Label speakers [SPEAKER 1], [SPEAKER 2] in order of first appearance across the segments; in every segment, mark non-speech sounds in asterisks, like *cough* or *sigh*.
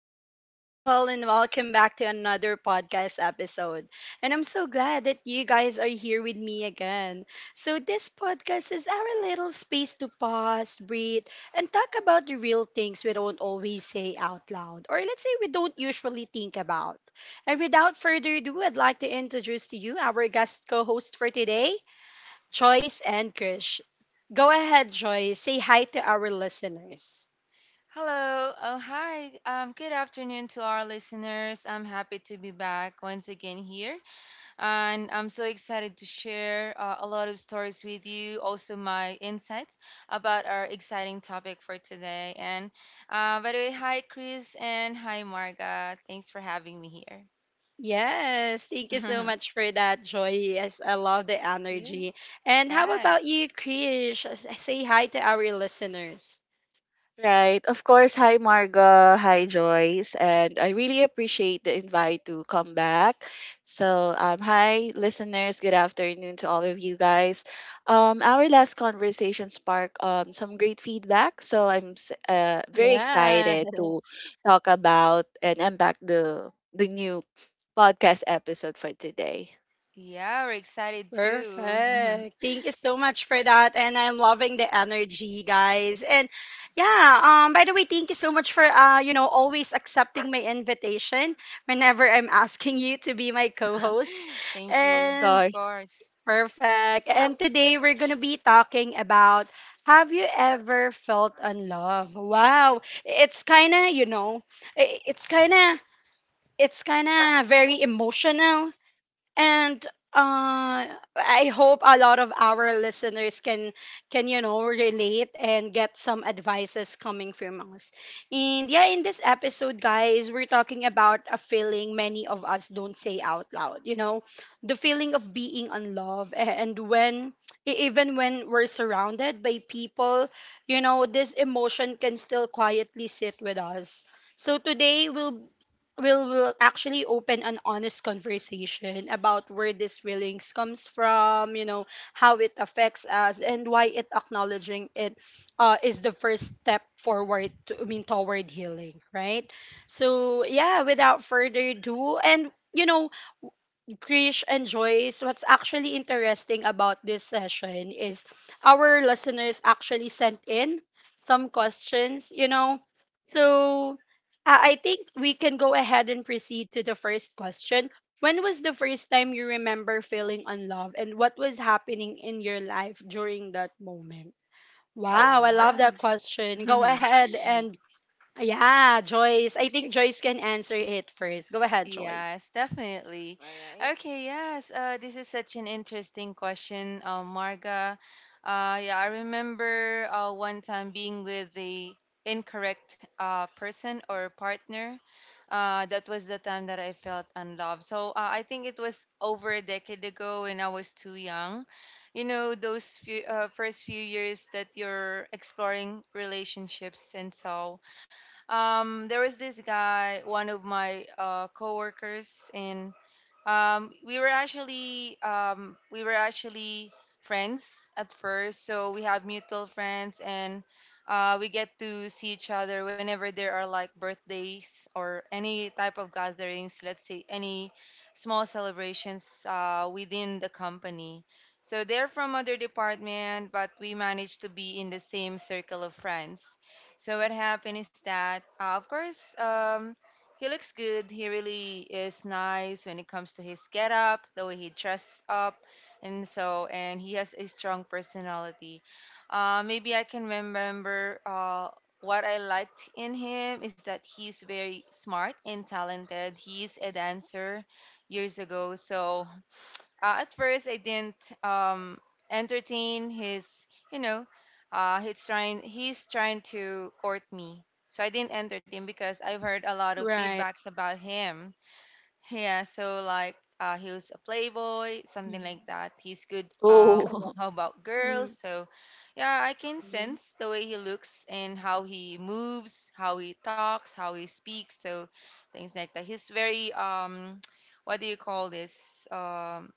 [SPEAKER 1] beautiful people, and welcome back to another podcast episode. And I'm so glad that you guys are here with me again. So, this podcast is our little space to pause, breathe, and talk about the real things we don't always say out loud, or let's say we don't usually think about. And without further ado, I'd like to introduce to you our guest co host for today, Joyce and Krish. Go ahead, Joyce. Say hi to our listeners.
[SPEAKER 2] Hello. Oh, hi. Good afternoon to our listeners. I'm happy to be back once again here. And I'm so excited to share a lot of stories with you, also my insights about our exciting topic for today. And by the way, hi, Chris, and hi, Marga. Thanks for having me here.
[SPEAKER 1] Yes, thank you so much
[SPEAKER 2] *laughs*
[SPEAKER 1] for that, Joy. Yes, I love the
[SPEAKER 2] you?
[SPEAKER 1] energy. And how
[SPEAKER 2] Yes.
[SPEAKER 1] about you, Krish? Say hi to our listeners.
[SPEAKER 3] Right. Of course, hi Marga, hi Joyce, and I really appreciate the invite to come back. So, hi listeners, good afternoon to all of you guys. Our last conversation sparked some great feedback, so I'm very excited to
[SPEAKER 1] Yes,
[SPEAKER 3] talk about and unpack the new podcast episode for today.
[SPEAKER 2] Yeah, we're excited too. *laughs*
[SPEAKER 1] perfect. Thank you so much for that. And I'm loving the energy, guys. And yeah, by the way, thank you so much for always accepting my invitation whenever I'm asking you to be my co-host.
[SPEAKER 2] Thank
[SPEAKER 3] Of
[SPEAKER 2] you.
[SPEAKER 1] And
[SPEAKER 2] Of
[SPEAKER 3] course.
[SPEAKER 2] course.
[SPEAKER 1] perfect. And today we're going to be talking about, have you ever felt unloved? Wow. It's kind of, i- it's kind of it's kind of very emotional. And uh I hope a lot of our listeners can relate and get some advices coming from us. And yeah, in this episode, guys, we're talking about a feeling many of us don't say out loud, the feeling of being unloved. And when even when we're surrounded by people, this emotion can still quietly sit with us. So today, we'll will actually open an honest conversation about where these feelings comes from, how it affects us, and why it acknowledging it is the first step forward to, I mean toward healing, right? So yeah, without further ado, and Krish and Joyce, what's actually interesting about this session is our listeners actually sent in some questions. So I think we can go ahead and proceed to the first question. When was the first time you remember feeling unloved and what was happening in your life during that moment? Wow, I love that
[SPEAKER 2] All
[SPEAKER 1] question. Go
[SPEAKER 2] right. *laughs*
[SPEAKER 1] ahead,
[SPEAKER 3] Mhm.
[SPEAKER 1] and yeah, Joyce. I think Joyce can answer it first. Go ahead, Joyce.
[SPEAKER 2] Yes, definitely.
[SPEAKER 3] All right.
[SPEAKER 2] Okay, yes. This is such an interesting question, Marga. Yeah, I remember one time being with the incorrect person or partner. That was the time that I felt unloved. So I think it was over a decade ago when I was too young. You know, those few, first few years that you're exploring relationships. And so, there was this guy, one of my coworkers in, we were actually friends at first. So we have mutual friends, and we get to see each other whenever there are like birthdays or any type of gatherings, let's say any small celebrations within the company. So they're from other department, but we managed to be in the same circle of friends. So what happened is that of course, he looks good. He really is nice when it comes to his getup, the way he dresses up, and so, and he has a strong personality. Maybe I can remember what I liked in him is that he's very smart and talented. He's a dancer years ago. So at first I didn't, um, entertain his, you know, he's trying to court me. So I didn't entertain because I've heard a lot of
[SPEAKER 1] Right.
[SPEAKER 2] feedbacks about him. Yeah, so like he was a playboy, something like
[SPEAKER 3] Mhm.
[SPEAKER 2] that. He's good.
[SPEAKER 3] Oh,
[SPEAKER 1] Correct.
[SPEAKER 3] *laughs*
[SPEAKER 2] How about girls?
[SPEAKER 1] Mm.
[SPEAKER 2] So yeah, I can
[SPEAKER 3] Mhm.
[SPEAKER 2] sense the way he looks and how he moves, how he talks, how he speaks. So things like that. He's very *tsk* what do you call this? Um,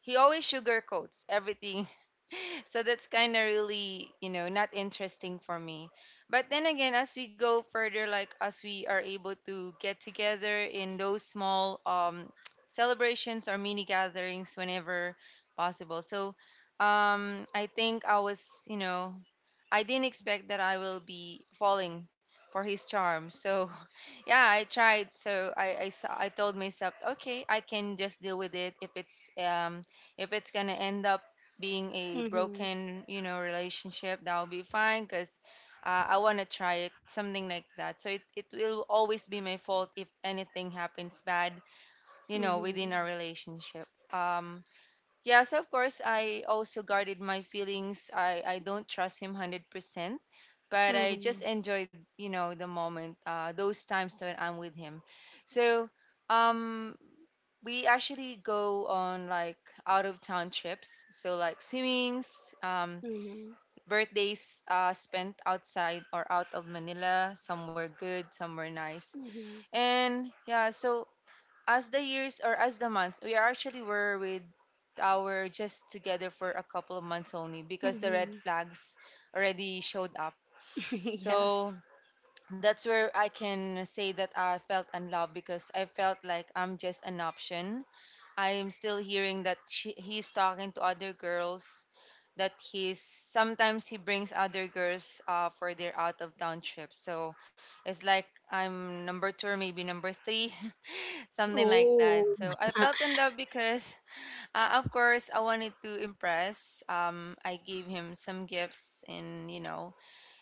[SPEAKER 2] he always sugarcoats everything. *laughs* So that's kind of really, you know, not interesting for me. But then again, as we go further, like as we are able to get together in those small *tsk* celebrations or mini gatherings whenever possible. So I think I was, you know, I didn't expect that I will be falling for his charm. So *laughs* yeah, I tried. So I told myself, okay, I can just deal with it if it's going to end up being a
[SPEAKER 1] Mhm.
[SPEAKER 2] broken, you know, relationship, that'll be fine because I want to try it, something like that. So it will always be my fault if anything happens bad, you know, within our
[SPEAKER 1] Mhm.
[SPEAKER 2] relationship. Um, yeah, so of course, I also guarded my feelings. I don't trust him 100%, but I just
[SPEAKER 1] Mhm.
[SPEAKER 2] enjoyed, you know, the moment, those times when I'm with him. So, um we actually go on like out of town trips, so like swimmings, um,
[SPEAKER 1] Mhm.
[SPEAKER 2] birthdays spent outside or out of Manila, somewhere good, somewhere nice.
[SPEAKER 1] Mhm.
[SPEAKER 2] And yeah, so as the years or as the months we actually were with our, just together for a couple of months only, because the red
[SPEAKER 1] Mhm.
[SPEAKER 2] flags already showed up.
[SPEAKER 1] *laughs* Yes.
[SPEAKER 2] So that's where I can say that I felt unloved, because I felt like I'm just an option. I'm still hearing that he's talking to other girls, that he's sometimes he brings other girls for their out of town trips. So it's like I'm number two or maybe number three, *laughs* something like that.
[SPEAKER 1] Oh.
[SPEAKER 2] So I
[SPEAKER 1] *laughs*
[SPEAKER 2] felt in love because, of course, I wanted to impress. I gave him some gifts and, you know,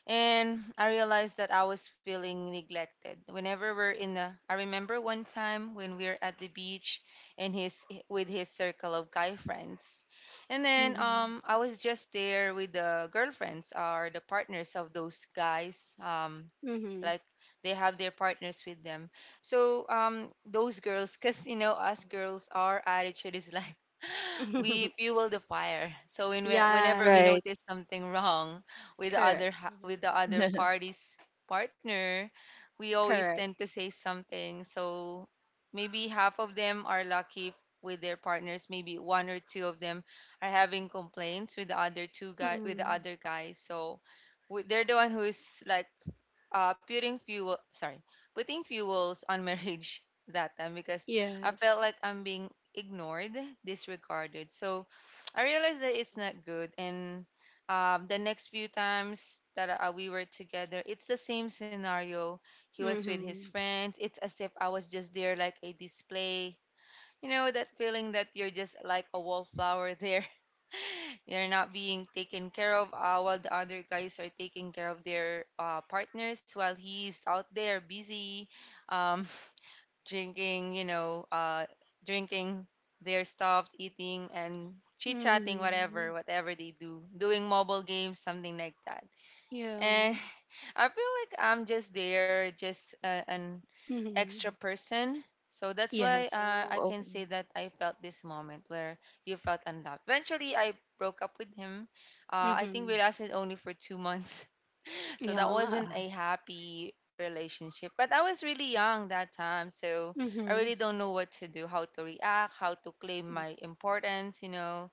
[SPEAKER 2] and I realized that I was feeling neglected. Whenever we're in the, I remember one time when we were at the beach and his with his circle of guy friends, and then
[SPEAKER 1] Mhm.
[SPEAKER 2] I was just there with the girlfriends or the partners of those guys.
[SPEAKER 1] Mhm.
[SPEAKER 2] Like they have their partners with them. So those girls, cause you know us girls, our attitude is like *laughs* we
[SPEAKER 1] *laughs*
[SPEAKER 2] fuel the fire. So whenever we
[SPEAKER 1] Yes.
[SPEAKER 3] Right.
[SPEAKER 2] notice something wrong with the
[SPEAKER 1] Correct.
[SPEAKER 2] with the other
[SPEAKER 3] Mhm.
[SPEAKER 2] party's partner, we always
[SPEAKER 1] Correct.
[SPEAKER 2] tend to say something. So maybe half of them are lucky with their partners. Maybe one or two of them are having complaints with the other two guy with the
[SPEAKER 1] Mm.
[SPEAKER 2] other guys. So they're the one who's like putting fuel, sorry putting fuels on marriage *laughs* that time, because I felt
[SPEAKER 1] Yes.
[SPEAKER 2] like I'm being ignored, disregarded. So I realized that it's not
[SPEAKER 3] *laughs*
[SPEAKER 2] good. And the next few times that we were together, it's the same scenario. He was with his
[SPEAKER 1] Mhm.
[SPEAKER 2] friends. It's as if I was just there like a display, you know, that feeling that you're just like a wallflower there. *laughs* You're not being taken care of, while the other guys are taking care of their partners, while he's out there busy, um, *laughs* drinking, you know, uh, drinking their stuff, eating, and chit chatting, whatever,
[SPEAKER 1] Mhm.
[SPEAKER 2] whatever they do, doing mobile games, something like that.
[SPEAKER 1] Yeah.
[SPEAKER 2] And *laughs* I feel like I'm just there, just an extra
[SPEAKER 1] Mhm.
[SPEAKER 2] person. So that's why
[SPEAKER 1] Yes.
[SPEAKER 3] Oh,
[SPEAKER 2] I can say
[SPEAKER 3] okay.
[SPEAKER 2] that I felt this moment where you felt unloved. Eventually, I broke up with him. I think
[SPEAKER 1] Mhm.
[SPEAKER 2] we lasted only for 2 months. *laughs* So that
[SPEAKER 1] Yeah.
[SPEAKER 2] wasn't a happy relationship. But I was really young that time. So I
[SPEAKER 1] Mhm.
[SPEAKER 2] really don't know what to do, how to react, how to claim my importance, you know.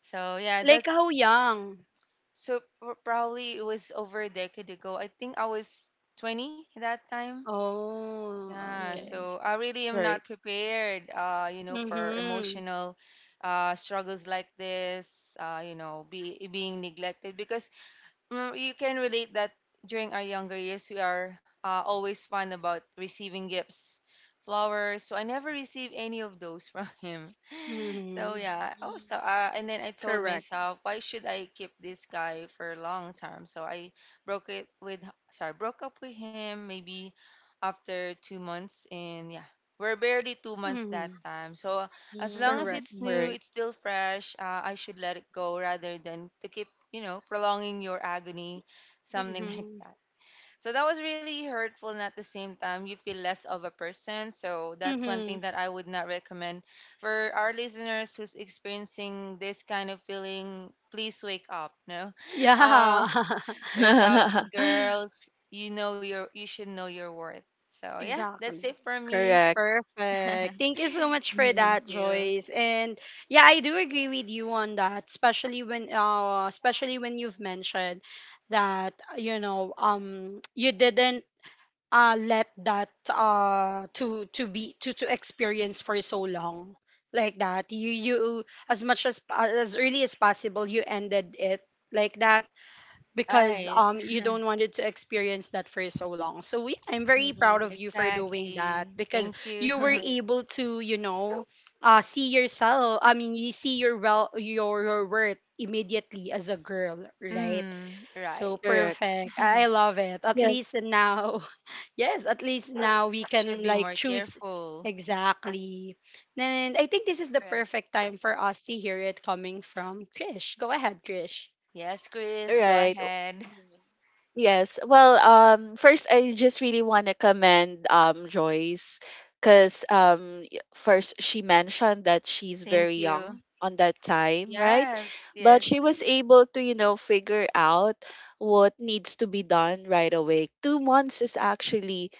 [SPEAKER 2] So yeah,
[SPEAKER 1] Like, how young?
[SPEAKER 2] probably it was over a decade ago. I think I was 20 that time.
[SPEAKER 1] Oh,
[SPEAKER 2] Yeah,
[SPEAKER 3] Mm,
[SPEAKER 1] okay.
[SPEAKER 2] so I really am
[SPEAKER 3] right.
[SPEAKER 2] not prepared, you know, for
[SPEAKER 1] Mhm.
[SPEAKER 2] emotional struggles like this, you know, being neglected. Because, mm, you can relate that during our younger years, we are always fun about receiving gifts, flowers. So I never received any of those from *laughs* him. So
[SPEAKER 1] Mhm.
[SPEAKER 2] yeah. Oh,
[SPEAKER 3] Mhm.
[SPEAKER 2] so and then I told
[SPEAKER 1] Correct.
[SPEAKER 2] myself, why should I keep this guy for a long time? So I broke it with, broke up with him maybe after 2 months, and yeah. We're barely 2 months that
[SPEAKER 1] Mhm.
[SPEAKER 2] time. So as long as
[SPEAKER 1] Correct.
[SPEAKER 3] Mm,
[SPEAKER 2] it's new,
[SPEAKER 3] right.
[SPEAKER 2] it's still fresh. I should let it go rather than to keep, you know, prolonging your agony, something *laughs* like
[SPEAKER 1] Mm-hmm.
[SPEAKER 2] that. So that was really hurtful. And at the same time, you feel less of a person. So that's one
[SPEAKER 1] Mm-hmm.
[SPEAKER 2] thing that I would not recommend for our listeners who's experiencing this kind of feeling. Please wake up. No, *laughs* um,
[SPEAKER 1] Yeah. *laughs*
[SPEAKER 2] wake up,
[SPEAKER 3] *laughs*
[SPEAKER 2] girls. You should know your worth. So yeah,
[SPEAKER 1] Exactly.
[SPEAKER 2] that's it for me.
[SPEAKER 3] Correct.
[SPEAKER 1] Perfect. Thank you so much for
[SPEAKER 2] *laughs*
[SPEAKER 3] Mhm,
[SPEAKER 1] that,
[SPEAKER 2] Thank you.
[SPEAKER 1] Joyce. And yeah, I do agree with you on that, especially when you've mentioned that you didn't let that to be to experience for so long like that. You as early as possible you ended it like that, because
[SPEAKER 2] Right.
[SPEAKER 1] you don't
[SPEAKER 2] *laughs*
[SPEAKER 1] want to experience that for so long. So I'm very proud
[SPEAKER 3] mhm,
[SPEAKER 1] of you for doing that,
[SPEAKER 2] Exactly.
[SPEAKER 1] because
[SPEAKER 2] Thank
[SPEAKER 1] you
[SPEAKER 2] you.
[SPEAKER 1] were
[SPEAKER 3] right.
[SPEAKER 1] able to see yourself. I mean you see your well your worth immediately as a girl,
[SPEAKER 2] *laughs*
[SPEAKER 1] right?
[SPEAKER 2] Mm,
[SPEAKER 1] So
[SPEAKER 2] right.
[SPEAKER 3] Correct.
[SPEAKER 1] perfect. I love it. At
[SPEAKER 3] Yes.
[SPEAKER 1] least now, *laughs* yes, at least now we can
[SPEAKER 2] Should be
[SPEAKER 1] like
[SPEAKER 2] more
[SPEAKER 1] choose
[SPEAKER 2] careful.
[SPEAKER 1] exactly. And I think this is the
[SPEAKER 3] Right.
[SPEAKER 1] perfect time for us to hear it coming from Krish. Go ahead, Krish.
[SPEAKER 2] Yes, Chris, go
[SPEAKER 3] Right.
[SPEAKER 2] ahead.
[SPEAKER 3] Yes. Well, first I just really want to commend Joyce because um first she mentioned that she's
[SPEAKER 2] *laughs*
[SPEAKER 3] very
[SPEAKER 2] Thank
[SPEAKER 3] young
[SPEAKER 2] you.
[SPEAKER 3] on that time, right?
[SPEAKER 2] Yes,
[SPEAKER 3] But she
[SPEAKER 2] yes.
[SPEAKER 3] was
[SPEAKER 2] *laughs*
[SPEAKER 3] able to, you know, figure out what needs to be done right away. 2 months is actually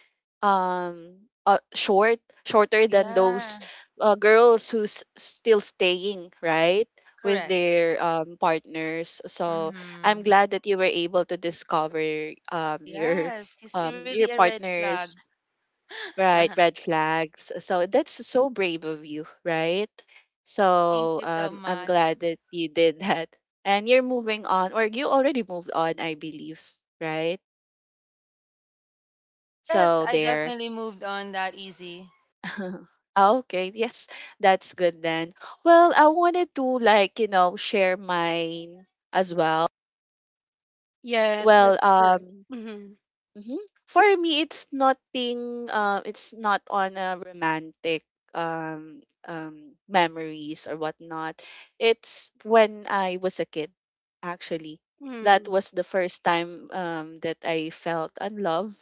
[SPEAKER 3] um shorter than those
[SPEAKER 2] Yeah,
[SPEAKER 3] girls who's still staying, right? With
[SPEAKER 2] correct.
[SPEAKER 3] their partners. So I'm
[SPEAKER 2] Mm-hmm.
[SPEAKER 3] glad that you were able to discover
[SPEAKER 2] Yes, it's
[SPEAKER 3] your
[SPEAKER 2] really a red flag.
[SPEAKER 3] partner's right
[SPEAKER 2] *laughs*
[SPEAKER 3] red flags. So that's so brave of you, right?
[SPEAKER 2] Thank
[SPEAKER 3] So
[SPEAKER 2] you so
[SPEAKER 3] I'm glad
[SPEAKER 2] much.
[SPEAKER 3] that you did that. And you're moving on or you already moved on, I believe, right? So
[SPEAKER 2] Yes, I
[SPEAKER 3] there.
[SPEAKER 2] definitely moved on that easy.
[SPEAKER 3] *laughs* Okay, yes. That's good then. Well, I wanted to like, you know, share mine as well.
[SPEAKER 1] Yes,
[SPEAKER 3] Well,
[SPEAKER 1] that's true.
[SPEAKER 3] um
[SPEAKER 1] Mm-hmm.
[SPEAKER 3] Mhm. For me, it's nothing. It's not on a romantic memories or whatnot. It's when I was a kid, actually. That
[SPEAKER 1] Mm-hmm.
[SPEAKER 3] was the first time that I felt unloved.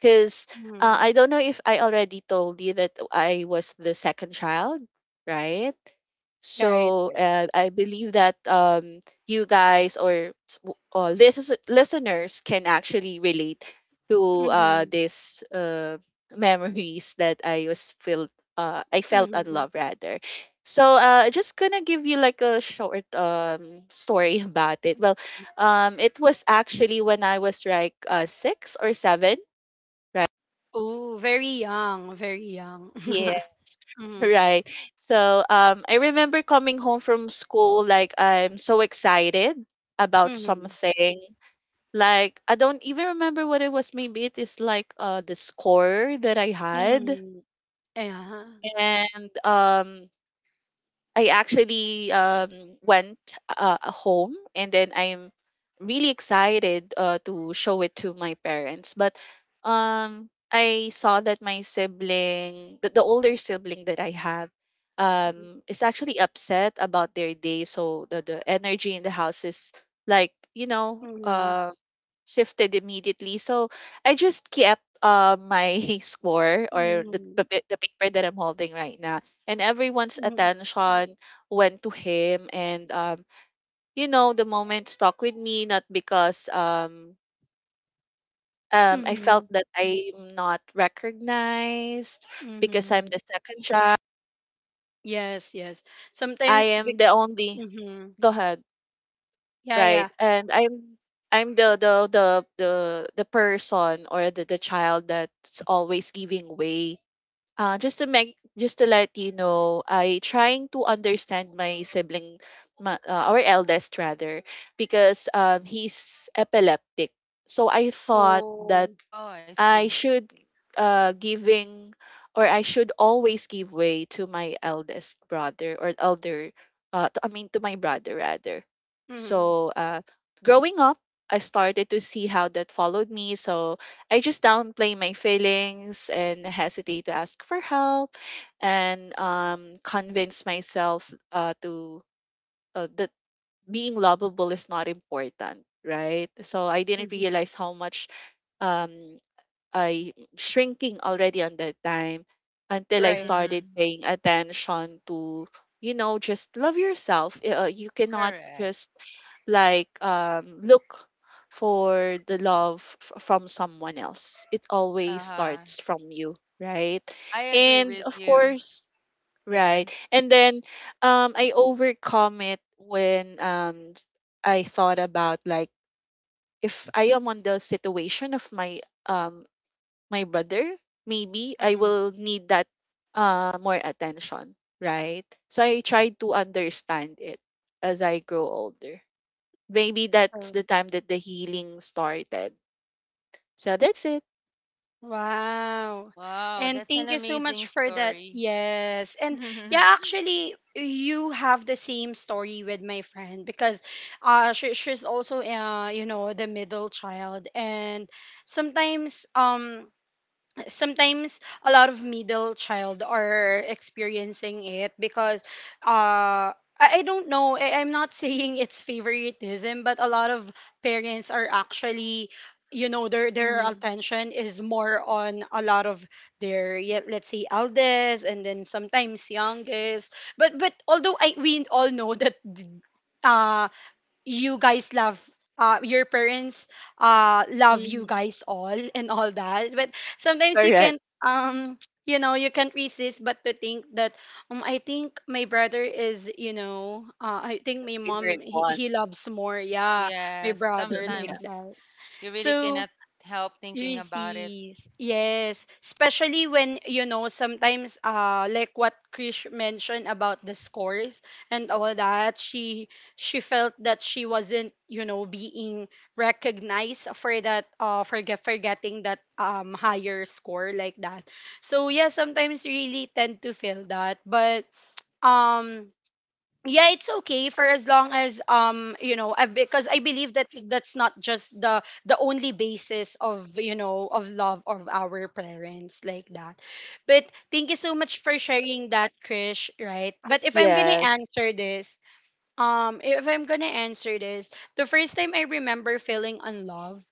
[SPEAKER 3] Because
[SPEAKER 1] Mm-hmm.
[SPEAKER 3] I don't know if I already told you that I was the second child, right?
[SPEAKER 1] Right,
[SPEAKER 3] So
[SPEAKER 1] right.
[SPEAKER 3] I believe that you guys or listeners can actually relate to
[SPEAKER 1] Mm-hmm.
[SPEAKER 3] these *laughs* memories that I was felt I felt
[SPEAKER 1] Mm-hmm.
[SPEAKER 3] unloved rather. So just gonna give you like a short story *laughs* about it. Well, it was actually when I was like six or seven, right?
[SPEAKER 1] Oh, very young, very young.
[SPEAKER 3] Yeah.
[SPEAKER 1] *laughs* Mm-hmm.
[SPEAKER 3] Right. So I remember coming home from school like I'm so excited about
[SPEAKER 1] Mm-hmm.
[SPEAKER 3] something. Like I don't even remember what it was. Maybe it is like the score that I had,
[SPEAKER 1] Mm-hmm. Yeah.
[SPEAKER 3] and I actually went home and then I'm really excited to show it to my parents. But I saw that my sibling, the older sibling that I have,
[SPEAKER 1] Mm-hmm.
[SPEAKER 3] is actually upset about their day. So the energy in the house is like, you know, shifted immediately. So I just kept my *laughs* score or the, the
[SPEAKER 1] Mm-hmm.
[SPEAKER 3] the paper that I'm holding right now. And everyone's
[SPEAKER 1] Mm-hmm.
[SPEAKER 3] attention went to him. And, you know, the moment stuck with me, not because I
[SPEAKER 1] Mm-hmm.
[SPEAKER 3] felt that I'm not recognized because I'm
[SPEAKER 1] Mm-hmm.
[SPEAKER 3] the second child.
[SPEAKER 1] Yes, yes.
[SPEAKER 3] I
[SPEAKER 1] Sometimes,
[SPEAKER 3] am the only,
[SPEAKER 1] mm-hmm.
[SPEAKER 3] go ahead,
[SPEAKER 1] Yeah,
[SPEAKER 3] right?
[SPEAKER 1] yeah.
[SPEAKER 3] And I'm the person or the child that's always giving way. Just to make, just to let you know, I trying to understand my sibling, our eldest rather, because he's epileptic. So I thought that
[SPEAKER 1] Oh.
[SPEAKER 2] Oh, I
[SPEAKER 3] I
[SPEAKER 2] see.
[SPEAKER 3] should giving or I should always give way to my eldest brother or elder to, I mean to my brother rather.
[SPEAKER 1] Mm-hmm.
[SPEAKER 3] So growing up I started to see how that followed me. So I just downplay my feelings and hesitate to ask for help and convince myself to that being lovable is not important, right? So I didn't
[SPEAKER 1] Mm-hmm.
[SPEAKER 3] realize how much um I shrinking already on that time until I
[SPEAKER 1] Right.
[SPEAKER 3] started
[SPEAKER 2] Mm-hmm.
[SPEAKER 3] paying attention to you know just love yourself. You cannot
[SPEAKER 2] Correct.
[SPEAKER 3] just like look for the love from someone else. It always
[SPEAKER 2] Uh-huh.
[SPEAKER 3] starts from you, right?
[SPEAKER 2] I agree
[SPEAKER 3] And
[SPEAKER 2] with
[SPEAKER 3] of
[SPEAKER 2] you.
[SPEAKER 3] course, right.
[SPEAKER 2] Yes.
[SPEAKER 3] And then I overcome it when I thought about like if I am on the situation of my um my brother, maybe I
[SPEAKER 1] Mm-hmm.
[SPEAKER 3] will need that more attention, right? So I try to understand it as I grow older. Maybe
[SPEAKER 1] Right.
[SPEAKER 3] that's the time that the healing started. So that's it.
[SPEAKER 1] Wow.
[SPEAKER 2] Wow,
[SPEAKER 1] And
[SPEAKER 2] that's
[SPEAKER 1] thank
[SPEAKER 2] an
[SPEAKER 1] you so much
[SPEAKER 2] amazing
[SPEAKER 1] for that.
[SPEAKER 2] story.
[SPEAKER 1] Yes.
[SPEAKER 2] *laughs*
[SPEAKER 1] And yeah, actually, you have the same story with my friend, because she's also, the middle child. And sometimes, um, sometimes a lot of middle child are experiencing it, because I don't know. I'm not *laughs* saying it's favoritism, but a lot of parents are actually, their
[SPEAKER 3] Mm-hmm.
[SPEAKER 1] attention is more on a lot of their, yeah, let's say, eldest, and then sometimes youngest. But although I we all know that uh, you guys love, your parents love you
[SPEAKER 3] Mm-hmm.
[SPEAKER 1] guys all *laughs* and all that. But sometimes you
[SPEAKER 3] Correct.
[SPEAKER 1] can you can't resist but to think that I think my brother is, I think my mom,
[SPEAKER 3] Favorite
[SPEAKER 1] he,
[SPEAKER 3] one.
[SPEAKER 1] he loves more, yeah, my
[SPEAKER 2] Yes,
[SPEAKER 3] *laughs*
[SPEAKER 1] brother, like
[SPEAKER 3] Yeah.
[SPEAKER 2] sometimes
[SPEAKER 1] that.
[SPEAKER 2] you really
[SPEAKER 1] So
[SPEAKER 2] cannot help thinking about it.
[SPEAKER 1] Receives. Yes. Especially when, sometimes like what Krish mentioned about the scores and all that, she felt that she wasn't, being recognized for that for getting that higher score like that. So yeah, sometimes really tend to feel that. But um yeah, it's okay for as long as because I believe that that's not just the only basis of of love of our parents like that. But thank you so much for sharing that, Krish, right? But if I'm gonna
[SPEAKER 3] Yes.
[SPEAKER 1] answer this if I'm gonna answer this, the first time I remember feeling unloved,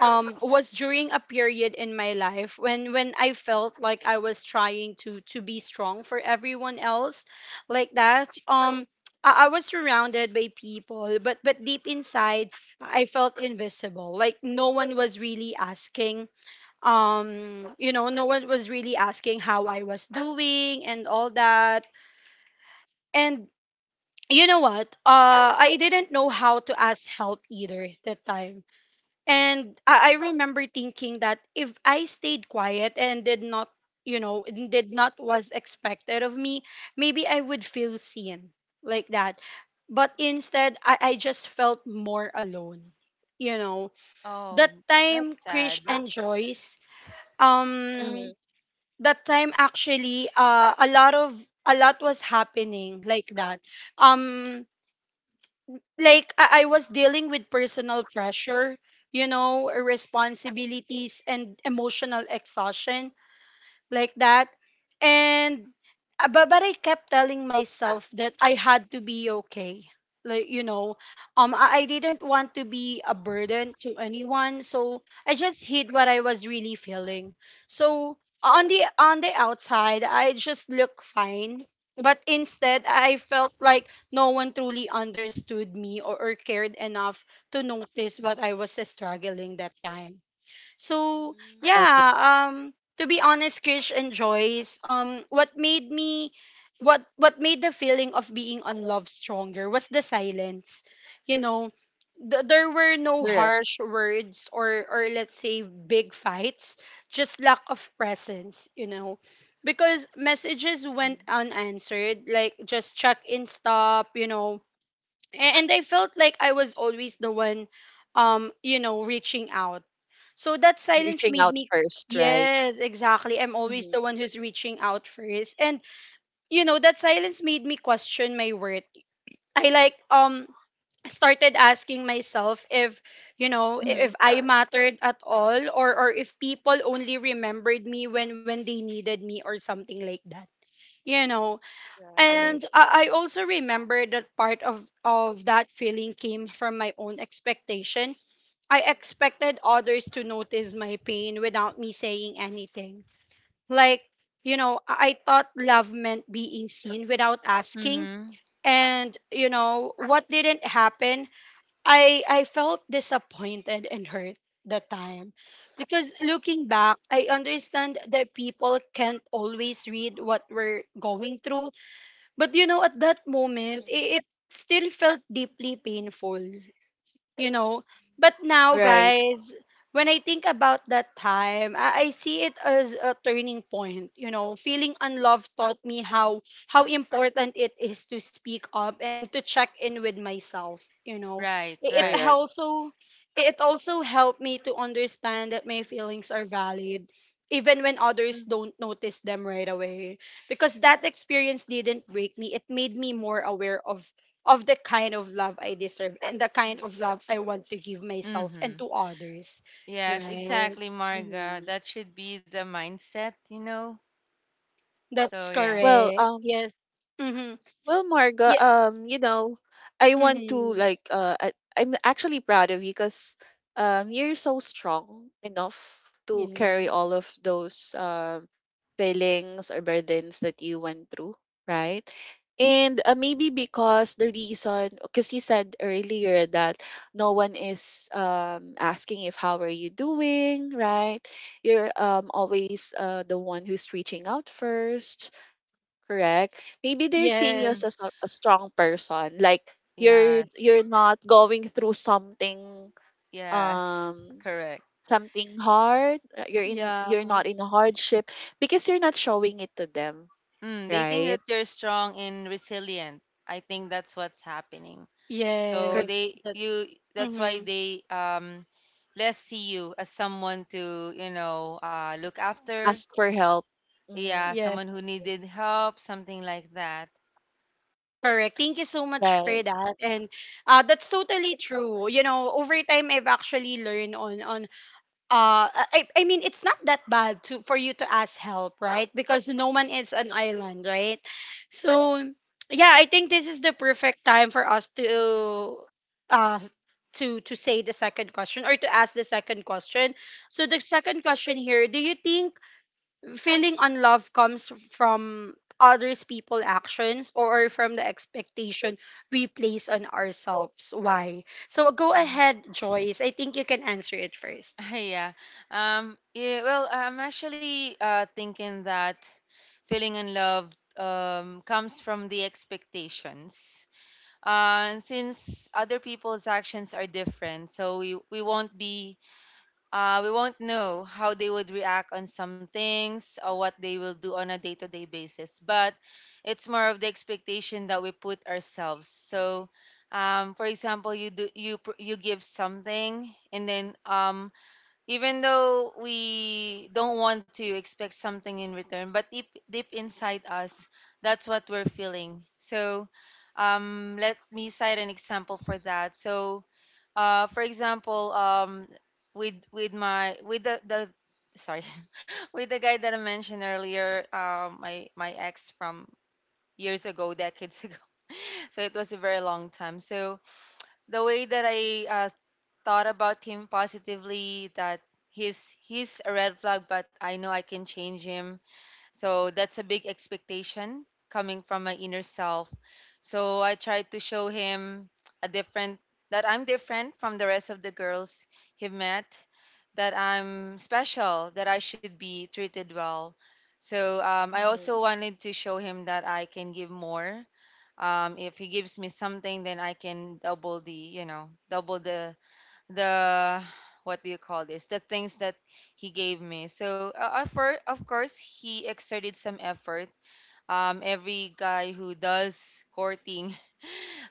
[SPEAKER 1] was during a period in my life when I felt like I was trying to be strong for everyone else, like that. I was surrounded by people, but deep inside, I felt invisible. Like no one was really asking. No one was really asking how I was doing and all that. And you know what? I didn't know how to ask help either that time. And I remember thinking that if I stayed quiet and did not, and did not was expected of me, maybe I would feel seen like that. But instead, I just felt more alone. You know,
[SPEAKER 2] Oh,
[SPEAKER 1] that time,
[SPEAKER 2] that's
[SPEAKER 1] Krish
[SPEAKER 2] sad.
[SPEAKER 1] and Joyce,
[SPEAKER 3] Mm-hmm.
[SPEAKER 1] um, that time actually, a lot was happening like that. Um, like I was dealing with personal pressure, responsibilities and emotional exhaustion like that. And but I kept telling myself that I had to be okay. Like I didn't want to be a burden to anyone, so I just hid what I was really feeling. So on the outside, I just look fine, but instead I felt like no one truly understood me, or cared enough to notice what I was struggling that time. So
[SPEAKER 3] Okay.
[SPEAKER 1] yeah, to be honest, Krish and Joyce, what made the feeling of being unloved stronger was the silence. You know, there were no
[SPEAKER 3] Correct.
[SPEAKER 1] harsh words, or let's say big fights, just lack of presence. Because messages went
[SPEAKER 3] Mhm.
[SPEAKER 1] unanswered, like just check in stop, and I felt like I was always the one reaching out. So that silence
[SPEAKER 3] Reaching
[SPEAKER 1] made
[SPEAKER 3] out
[SPEAKER 1] me.
[SPEAKER 3] first, right?
[SPEAKER 1] Yes, exactly. I'm always
[SPEAKER 3] Mm-hmm.
[SPEAKER 1] the one who's reaching out first. And that silence made me question my worth. I like started asking myself if
[SPEAKER 3] Mm-hmm.
[SPEAKER 1] if I mattered at all, or if people only remembered me when they needed me or something like that. You know,
[SPEAKER 3] Right.
[SPEAKER 1] and I also remember that part of that feeling came from my own expectation. I expected others to notice my pain without me saying anything. Like, I thought love meant being seen without asking.
[SPEAKER 2] Mm-hmm.
[SPEAKER 1] And, what didn't happen, I felt disappointed and hurt that time. Because looking back, I understand that people can't always read what we're going through, but at that moment, it still felt deeply painful you know. But now,
[SPEAKER 3] Right.
[SPEAKER 1] guys, when I think about that time, I see it as a turning point. Feeling unloved taught me how important it is to speak up and to check in with myself.
[SPEAKER 2] Right,
[SPEAKER 1] It
[SPEAKER 2] right.
[SPEAKER 1] it
[SPEAKER 3] Correct.
[SPEAKER 1] also it also helped me to understand that my feelings are valid. Even when others don't notice them right away. Because that experience didn't break me, it made me more aware of the kind of love I deserve and the kind of love I want to give myself
[SPEAKER 2] Mm-hmm.
[SPEAKER 1] and to others.
[SPEAKER 2] Yes,
[SPEAKER 1] Right?
[SPEAKER 2] exactly, Marga.
[SPEAKER 3] Mm-hmm.
[SPEAKER 2] That should be the mindset, you know? So,
[SPEAKER 1] That's
[SPEAKER 2] yeah.
[SPEAKER 3] Well,
[SPEAKER 1] correct.
[SPEAKER 3] um,
[SPEAKER 1] Yes. Mm-hmm.
[SPEAKER 3] Well, Marga,
[SPEAKER 1] Yeah.
[SPEAKER 3] um, you know, I want to
[SPEAKER 1] Mm-hmm.
[SPEAKER 3] like I'm actually proud of you because you're so strong enough to carry
[SPEAKER 1] Yeah.
[SPEAKER 3] all of those feelings or burdens that you went through, right? And maybe because the reason, because you said earlier that no one is asking if how are you doing, right? You're always the one who's reaching out first, correct, maybe they're seeing you
[SPEAKER 2] Mm-hmm.
[SPEAKER 1] Yes.
[SPEAKER 3] as a strong person like you're
[SPEAKER 2] Yes,
[SPEAKER 3] not going through something
[SPEAKER 2] yes,
[SPEAKER 3] um
[SPEAKER 2] correct.
[SPEAKER 3] something hard you're in you're
[SPEAKER 1] Yeah.
[SPEAKER 3] not in a hardship because you're not showing it to them
[SPEAKER 2] Mm, they think
[SPEAKER 3] right.
[SPEAKER 2] that you're strong and resilient. I think that's what's happening.
[SPEAKER 3] Cor-
[SPEAKER 2] So
[SPEAKER 1] Yes. That.
[SPEAKER 2] you, that's why
[SPEAKER 1] Mm-hmm.
[SPEAKER 2] they less see you as someone to, you know, look after.
[SPEAKER 3] ask for help.
[SPEAKER 2] Yeah,
[SPEAKER 3] Mm-hmm.
[SPEAKER 1] Yeah.
[SPEAKER 2] someone who needed help, something like that.
[SPEAKER 1] Correct. Thank you so much for
[SPEAKER 3] Right.
[SPEAKER 1] that. And that's totally true. Over time I've actually learned on I mean it's not that bad to for you to ask help, right? Because no one is an island, right? So yeah, I think this is the perfect time for us to uh to say the second question, or to ask the second question. So the second question here, do you think feeling unloved comes from others people actions or from the expectation we place on ourselves? Why? So go
[SPEAKER 2] Mm.
[SPEAKER 1] ahead, Joyce. I think you can answer it 1st.
[SPEAKER 2] *laughs* Yeah. Yeah, well, I'm actually thinking that feeling unloved comes from the expectations. And since other people's actions are different, so we won't be we won't know how they would react on some things or what they will do on a day to day basis. But it's more of the expectation that we put ourselves. So, for example, you do you pr- you give something, and then even though we don't want to expect something in return, but deep inside us, that's what we're feeling. So, let me cite an example for that. So for example, with my with the sorry *laughs* with the guy that I mentioned earlier, my ex from years ago, decades *laughs* ago. So it was a very long time. So the way that I thought about him positively, that he's a red flag, but I know I can change him. So that's a big expectation coming from my inner self. So I tried to show him a different that I'm different from the rest of the girls he met, that I'm special, that I should be treated well. So I
[SPEAKER 3] Mm-hmm.
[SPEAKER 2] also wanted to show him that I can give more. If he gives me something, then I can double the, double the what do you call this, the things that he gave me. So of course he exerted some effort. Every guy who does courting,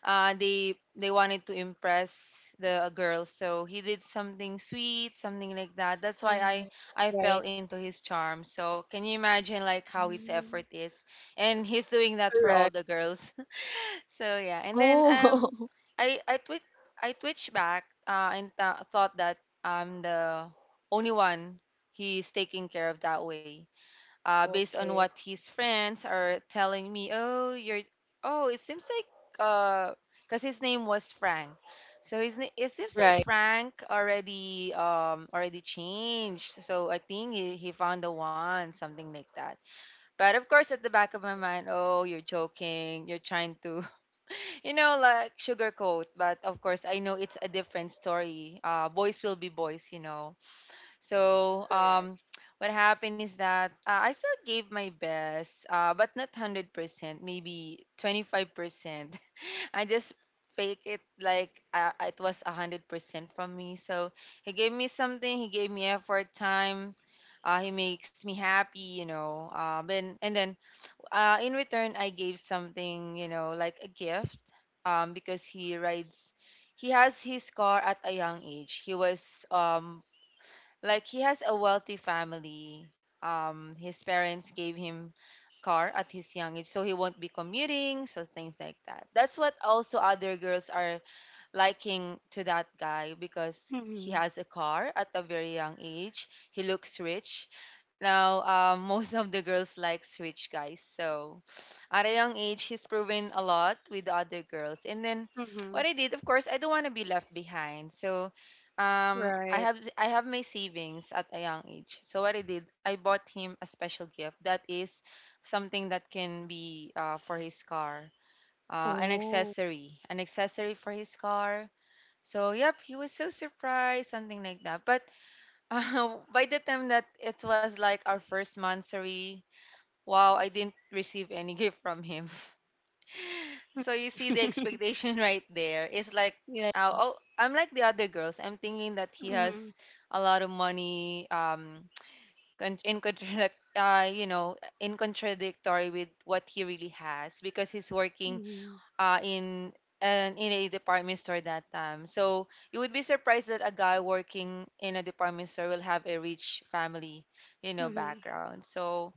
[SPEAKER 2] they wanted to impress the girls, so he did something sweet, something like that. That's why i
[SPEAKER 3] Mm-hmm.
[SPEAKER 2] i fell
[SPEAKER 3] Right.
[SPEAKER 2] into his charm. So can you imagine like how his effort
[SPEAKER 3] Mm.
[SPEAKER 2] is, and he's doing that for all
[SPEAKER 3] Correct.
[SPEAKER 2] the girls? *laughs* So yeah, and then
[SPEAKER 3] Oh.
[SPEAKER 2] I twitch. I twitched back and thought that I'm the only one he's taking care of that way.
[SPEAKER 3] *laughs*
[SPEAKER 2] Based on what
[SPEAKER 3] Okay.
[SPEAKER 2] his friends are telling me, oh, you're, oh, it seems like, uh, because his name was Frank, so it seems like
[SPEAKER 3] Right.
[SPEAKER 2] Frank already, already changed. So I think he found the one, something like that. But of course, at the back of my
[SPEAKER 3] Mhm.
[SPEAKER 2] mind, oh, you're joking, you're trying to, *laughs* you know, like, sugarcoat. But of course, I know it's a different story. Boys will be boys, you know so
[SPEAKER 3] Correct.
[SPEAKER 2] um, what happened is that I still gave my best, but not 100%, maybe 25%. *laughs* I just fake it like it was 100% from me. So he gave me something. He gave me effort, time. He makes me happy, you know. Then in return, I gave something, you know, like a gift. Because he rides, he has his car at a young age. He was like, he has a wealthy family. His parents gave him car at his young age, so he won't be commuting, so things like that. That's what also other girls are liking to that guy, because he has a car at a very young age. He looks rich. Now, *laughs* most of the girls likes rich guys. So at a young age, he's proven a lot with the other girls. And then,
[SPEAKER 1] Mm-hmm.
[SPEAKER 2] what I did, of course, I don't want to be left behind. So, um, I
[SPEAKER 1] Right.
[SPEAKER 2] have I have my savings at a young age. So what I did, I bought him a special gift that is something that can be for his car,
[SPEAKER 1] Oh.
[SPEAKER 2] an accessory for his car. So yep, he was so surprised, something like that. But *laughs* by the time that it was like our first monthsary, wow, I didn't receive any *laughs* gift from him. *laughs* So you see the
[SPEAKER 1] *laughs*
[SPEAKER 2] expectation *laughs* right there. It's like,
[SPEAKER 1] Yeah.
[SPEAKER 2] oh, oh, I'm like the other girls. I'm thinking that he has
[SPEAKER 1] Mm-hmm.
[SPEAKER 2] a lot of money. *tsk* In contradict, in contradictory with what he really has, because he's working
[SPEAKER 1] Mm-hmm.
[SPEAKER 2] uh, in in a department store that time. So you would be surprised that a guy working in a department store will have a rich family, you know,
[SPEAKER 1] Mm-hmm.
[SPEAKER 2] background. So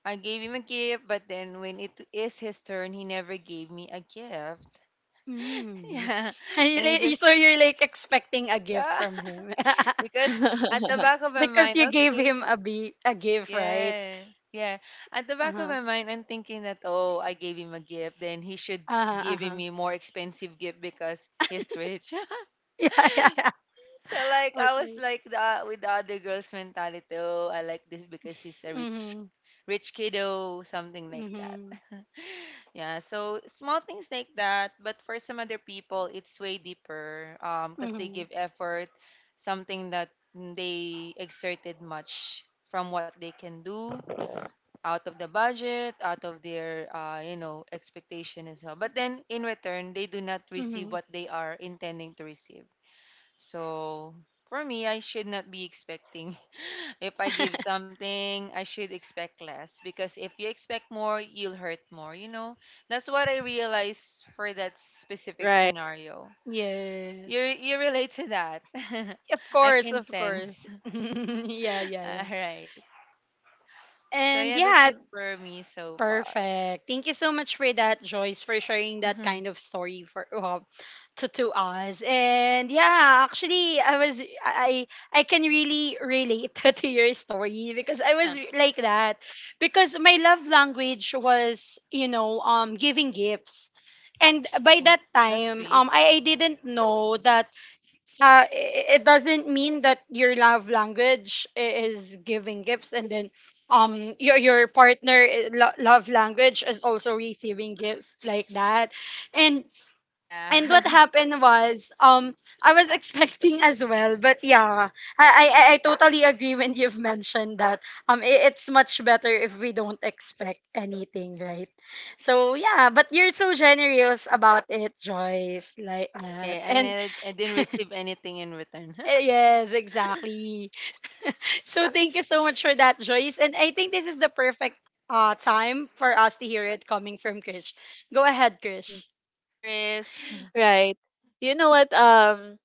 [SPEAKER 2] I gave him a gift, but then when it is his turn, he never gave me a gift. *laughs*
[SPEAKER 1] Mm.
[SPEAKER 2] Yeah,
[SPEAKER 1] *laughs* And
[SPEAKER 2] and he
[SPEAKER 1] so
[SPEAKER 2] just
[SPEAKER 1] you're like expecting a gift
[SPEAKER 2] yeah
[SPEAKER 1] from
[SPEAKER 2] *laughs*
[SPEAKER 1] him? *laughs*
[SPEAKER 2] because at the back of my
[SPEAKER 1] Because
[SPEAKER 2] mind,
[SPEAKER 1] you gave him
[SPEAKER 2] okay,
[SPEAKER 1] a gift, right?
[SPEAKER 2] yeah, yeah. At the
[SPEAKER 1] Uh
[SPEAKER 2] back of my
[SPEAKER 1] huh.
[SPEAKER 2] mind, I'm thinking that, oh, I gave him a gift, then he should
[SPEAKER 1] Uh huh.
[SPEAKER 2] give
[SPEAKER 1] Uh-huh.
[SPEAKER 2] me more expensive gift because he's rich. *laughs*
[SPEAKER 1] *laughs* Yeah, yeah, yeah.
[SPEAKER 2] So like I was
[SPEAKER 1] Okay.
[SPEAKER 2] like the with the other girls' mentality. Oh, I like this because he's a rich,
[SPEAKER 1] Mm-hmm.
[SPEAKER 2] rich kiddo, something like that.
[SPEAKER 1] Mm-hmm.
[SPEAKER 2] *laughs* Yeah. So small things like that, but for some other people, it's way deeper. Because they
[SPEAKER 1] Mm-hmm.
[SPEAKER 2] give effort, something that they exerted much from what they can do out of the budget, out of their expectation as well. But then in return, they do not receive
[SPEAKER 1] Mm-hmm.
[SPEAKER 2] what they are intending to receive. So for me, I should not be expecting. *laughs* If I give something, I should expect less, because if you expect more, you'll hurt more, you know? That's what I realized for that specific
[SPEAKER 3] *laughs* Right.
[SPEAKER 2] scenario. You
[SPEAKER 1] Yes.
[SPEAKER 2] you relate to that. *laughs*
[SPEAKER 1] Of
[SPEAKER 2] I
[SPEAKER 1] course.
[SPEAKER 2] can
[SPEAKER 1] Of
[SPEAKER 2] sense.
[SPEAKER 1] course. *laughs*
[SPEAKER 2] *laughs*
[SPEAKER 1] Yeah. Yeah.
[SPEAKER 2] All
[SPEAKER 1] Yeah.
[SPEAKER 2] right. So yeah,
[SPEAKER 1] And
[SPEAKER 2] that's it
[SPEAKER 1] yeah,
[SPEAKER 2] for me so far.
[SPEAKER 1] perfect. Thank you so much for that, Joyce, for sharing that
[SPEAKER 2] *laughs*
[SPEAKER 1] kind of story for to us. And yeah, actually, I was I can really relate *laughs* to your story because I was like that because my love language was, you know, giving gifts, and by
[SPEAKER 2] Oh,
[SPEAKER 1] that
[SPEAKER 2] that's
[SPEAKER 1] time
[SPEAKER 2] sweet.
[SPEAKER 1] I didn't know that it doesn't mean that your love language is giving gifts, and then your partner love language is also receiving gifts like that. and
[SPEAKER 2] Yeah.
[SPEAKER 1] and what
[SPEAKER 2] *laughs*
[SPEAKER 1] happened was, I was *laughs* expecting as well, but yeah, I totally agree when you've mentioned that it's much better if we don't expect anything, right? So yeah, but you're so generous about it, Joyce, like that.
[SPEAKER 2] Okay, I
[SPEAKER 1] And
[SPEAKER 2] never, I didn't receive anything in return.
[SPEAKER 1] eh, yes, exactly. So thank you so much for that, Joyce. And I think this is the perfect time for us to hear it coming from Krish. Go ahead, Krish.
[SPEAKER 2] *laughs* Chris.
[SPEAKER 3] Right. You know what?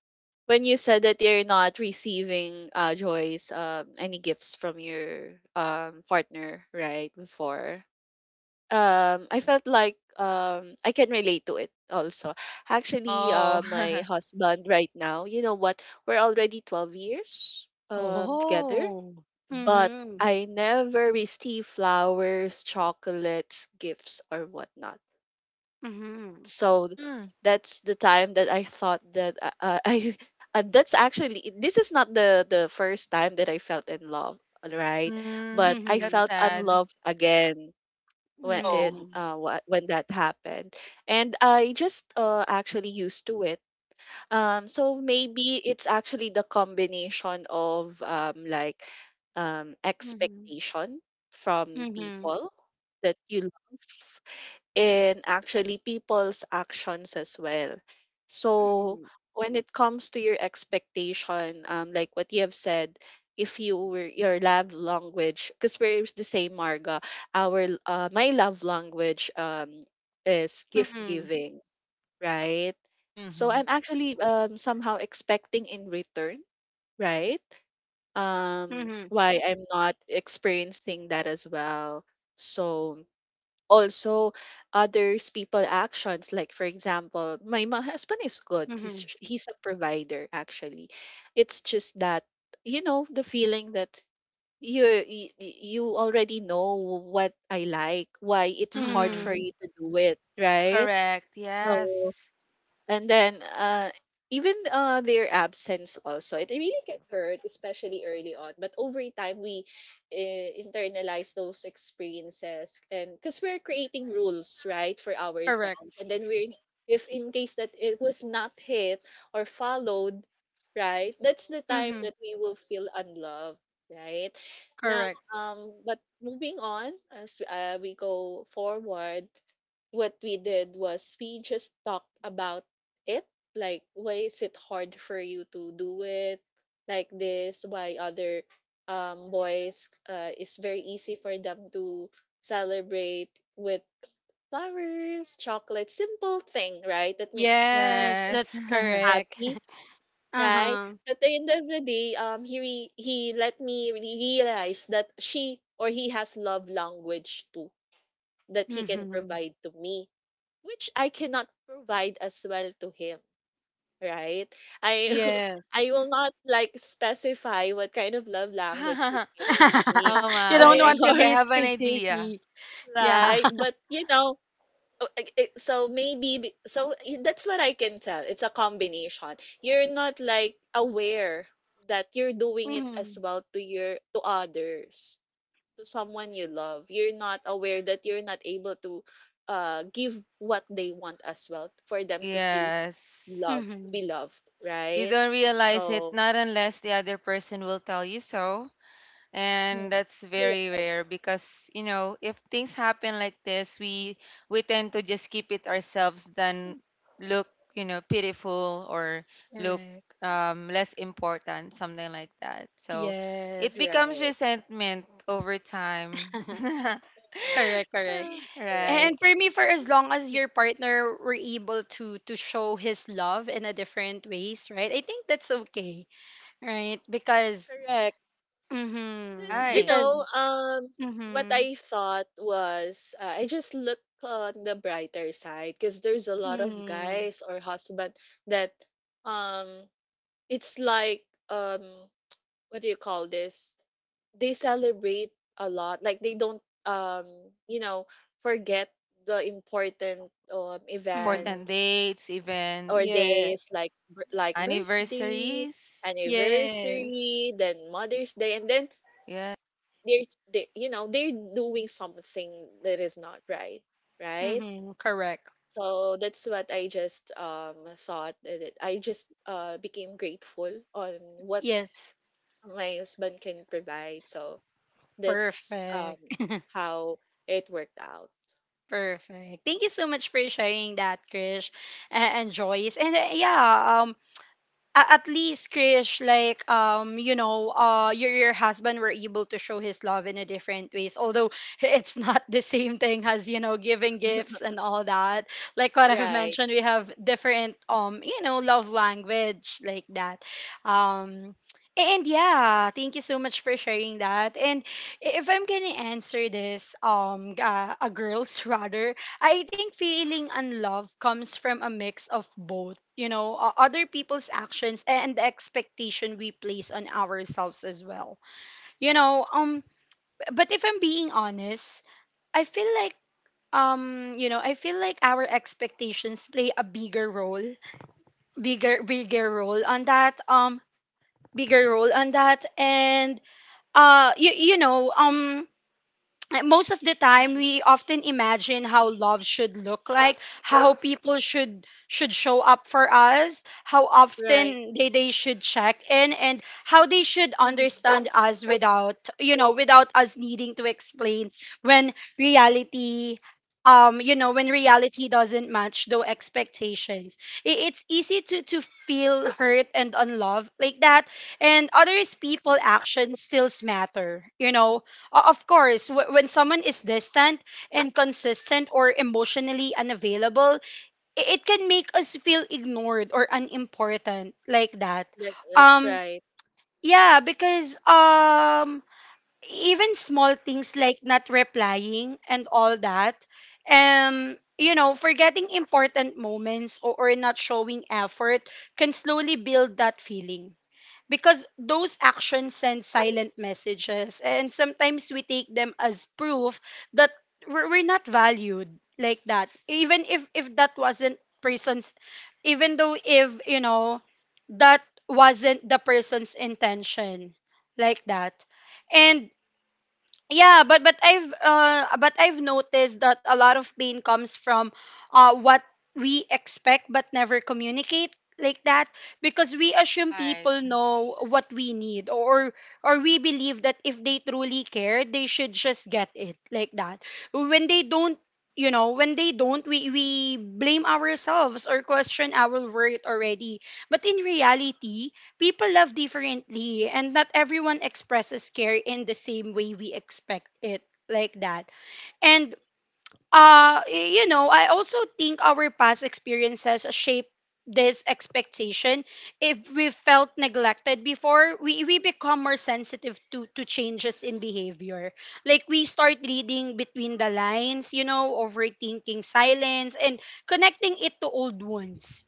[SPEAKER 3] When you said that you're not receiving Joyce any gifts from your partner right before I felt like I can relate to it also, actually
[SPEAKER 2] Oh.
[SPEAKER 3] my
[SPEAKER 2] *laughs*
[SPEAKER 3] husband right now you know what we're already 12 years together
[SPEAKER 1] Oh.
[SPEAKER 3] but
[SPEAKER 1] Mm-hmm.
[SPEAKER 3] I never receive flowers, chocolates, gifts or whatnot.
[SPEAKER 1] Mm-hmm.
[SPEAKER 3] So
[SPEAKER 2] Hmm.
[SPEAKER 3] that's the time that I thought that *laughs* I that's actually this is not the first time that I felt in love, right?
[SPEAKER 2] Mm,
[SPEAKER 3] But I
[SPEAKER 2] that's
[SPEAKER 1] Mm-hmm.
[SPEAKER 3] felt
[SPEAKER 2] sad.
[SPEAKER 3] unloved again when it,
[SPEAKER 2] Oh.
[SPEAKER 1] Mm-hmm.
[SPEAKER 3] when that happened, and I just actually used to it. So maybe it's actually the combination of
[SPEAKER 1] Mm-hmm.
[SPEAKER 3] expectation from
[SPEAKER 1] Mm-hmm.
[SPEAKER 3] people that you love in actually people's actions as well. So when it comes to your expectation, like what you have said, if you were your love language, because we're the same, Marga, my love language is gift
[SPEAKER 1] Mm-hmm.
[SPEAKER 3] giving, right? So
[SPEAKER 2] Mm-hmm.
[SPEAKER 3] I'm actually somehow expecting in return, right?
[SPEAKER 1] Mm-hmm.
[SPEAKER 3] Why I'm not experiencing that as well. So also others people actions like for example my husband is good,
[SPEAKER 1] Mm-hmm.
[SPEAKER 3] he's a provider actually. It's just that you know the feeling that you already know what I like, why it's hard
[SPEAKER 2] Mm-hmm.
[SPEAKER 3] for
[SPEAKER 1] Mm-hmm.
[SPEAKER 3] you to do it, right?
[SPEAKER 2] Correct.
[SPEAKER 3] So
[SPEAKER 2] Yes.
[SPEAKER 3] and then even their absence also, it really can hurt, especially early on. But over time, we internalize those experiences, and because we're creating rules, right, for ourselves,
[SPEAKER 1] Correct.
[SPEAKER 3] and then we're if in case that it was not hit or followed, right, that's the time
[SPEAKER 1] Mm-hmm.
[SPEAKER 3] that we will feel unloved, right? Now,
[SPEAKER 1] Correct.
[SPEAKER 3] but moving on as we go forward, what we did was we just talked about it. Like, why is it hard for you to do it like this? Why other boys, it's very easy for them to celebrate with flowers, chocolate, simple thing, right? That makes you
[SPEAKER 1] Yes,
[SPEAKER 2] Yes.
[SPEAKER 1] that's correct.
[SPEAKER 3] happy,
[SPEAKER 1] *laughs*
[SPEAKER 3] right?
[SPEAKER 1] Uh-huh.
[SPEAKER 3] But at the end of the day, he let me really realize that she or he has love language too that he can
[SPEAKER 1] Mm-hmm.
[SPEAKER 3] provide to me which I cannot provide as well to him, right? I *laughs*
[SPEAKER 1] Yes.
[SPEAKER 3] I will not like specify what kind of love language he's giving to
[SPEAKER 2] *laughs*
[SPEAKER 3] me
[SPEAKER 2] Oh
[SPEAKER 1] *laughs* You
[SPEAKER 2] my.
[SPEAKER 1] don't
[SPEAKER 2] I
[SPEAKER 1] want
[SPEAKER 2] think
[SPEAKER 1] to
[SPEAKER 2] I
[SPEAKER 3] anymore,
[SPEAKER 1] be
[SPEAKER 2] have an idea.
[SPEAKER 1] specific.
[SPEAKER 3] *laughs*
[SPEAKER 1] Yeah.
[SPEAKER 3] right?
[SPEAKER 1] *laughs*
[SPEAKER 3] But you know, so that's what I can tell. It's a combination. You're not like aware that you're doing it
[SPEAKER 1] Mm-hmm.
[SPEAKER 3] as well to your to others, to someone you love. You're not aware that you're not able to give what they want as well for them to feel
[SPEAKER 2] Yes.
[SPEAKER 3] love to
[SPEAKER 1] Mm-hmm.
[SPEAKER 3] be loved,
[SPEAKER 2] You
[SPEAKER 3] right?
[SPEAKER 2] don't realize it,
[SPEAKER 3] So,
[SPEAKER 2] not unless the other person will tell you so,
[SPEAKER 3] mm,
[SPEAKER 2] and that's very
[SPEAKER 3] correct,
[SPEAKER 2] rare. Because, you know, if things happen like this, we tend to just keep it ourselves, then look, you know, pitiful, or look
[SPEAKER 1] Correct.
[SPEAKER 2] less important, something like that. So it
[SPEAKER 1] Yes.
[SPEAKER 2] becomes
[SPEAKER 3] right,
[SPEAKER 2] resentment over time. *laughs*
[SPEAKER 1] *laughs* Correct, correct.
[SPEAKER 3] *laughs*
[SPEAKER 2] Right.
[SPEAKER 3] correct.
[SPEAKER 1] And for me, for as
[SPEAKER 3] Yes,
[SPEAKER 1] long
[SPEAKER 3] for
[SPEAKER 1] as
[SPEAKER 3] me,
[SPEAKER 1] your partner were able to show his love in a different ways, right? I think that's okay, right?
[SPEAKER 3] correct. Because, you
[SPEAKER 2] Right.
[SPEAKER 1] Because,
[SPEAKER 3] know, what
[SPEAKER 1] mm-hmm,
[SPEAKER 3] I thought was I just look on the brighter side because there's a lot of
[SPEAKER 1] mm-hmm,
[SPEAKER 3] guys or husband that um it's like um what do you call this? They celebrate a lot. Like they don't you know, forget the important
[SPEAKER 1] mm-hmm.
[SPEAKER 2] Important
[SPEAKER 3] events
[SPEAKER 2] dates,
[SPEAKER 3] or
[SPEAKER 2] events.
[SPEAKER 1] Yeah.
[SPEAKER 3] days like like birthday,
[SPEAKER 2] Anniversaries.
[SPEAKER 1] Yes.
[SPEAKER 3] anniversary, then Mother's Day, and then
[SPEAKER 2] Yeah.
[SPEAKER 3] they're they, you know they're doing something that is not right, right?
[SPEAKER 1] Mm-hmm. Correct.
[SPEAKER 3] So that's what I just thought that I just became grateful on what
[SPEAKER 1] Yes.
[SPEAKER 3] my husband can provide. So that's
[SPEAKER 1] Perfect.
[SPEAKER 3] how it worked out.
[SPEAKER 1] Perfect. Thank you so much for sharing that, Krish and Joyce. And yeah, at least Krish, like you know, your husband were able to show his love in a different ways. Although *laughs* it's not the same thing as, you know, giving gifts and all that. Like what I've
[SPEAKER 3] Right.
[SPEAKER 1] mentioned, we have different you know, love language like that. Um, and yeah, thank you so much for sharing that. And if I'm gonna answer this, a girl's *laughs* rather, I think feeling unloved comes from a mix of both, you know, other people's actions and the expectation we place on ourselves as well. You know, but if I'm being honest, I feel like you know, I feel like our expectations play a bigger role, bigger role on that. Bigger role on that. And you know, most of the time
[SPEAKER 3] Mhm.
[SPEAKER 1] we often imagine how love should look like, how people should show up for us, how
[SPEAKER 3] Right.
[SPEAKER 1] often they should check in, and how they should
[SPEAKER 3] Hmm.
[SPEAKER 1] understand us without, you know, without us needing to explain. When reality, you know, when reality doesn't match those expectations, it's easy to feel hurt and unloved like that. And others people actions still matter, you know. Of course, when someone is distant, inconsistent, or emotionally unavailable, it can make us feel ignored or unimportant like that.
[SPEAKER 3] That, that's
[SPEAKER 1] Um,
[SPEAKER 3] right.
[SPEAKER 1] yeah, because even small things like not replying and all that, you know, forgetting important moments, or not showing effort can slowly build that feeling, because those actions send silent messages, and sometimes we take them as proof that we're not valued like that, even if that wasn't person's, even though if you know that wasn't the person's intention like that. And yeah, but but I've noticed that a lot of pain comes from what we expect but never communicate like that, because we assume
[SPEAKER 2] Right.
[SPEAKER 1] people know what we need, or we believe that if they truly care, they should just get it like that. When they don't, you know, when they don't, we blame ourselves or question our worth already. But in reality, people love differently, and not everyone expresses care in the same way we expect it, like that. And you know, I also think our past experiences shape this expectation. If we felt neglected before, we become more sensitive to changes in behavior. Like, we start reading between the lines, you know, overthinking silence and connecting it to old wounds,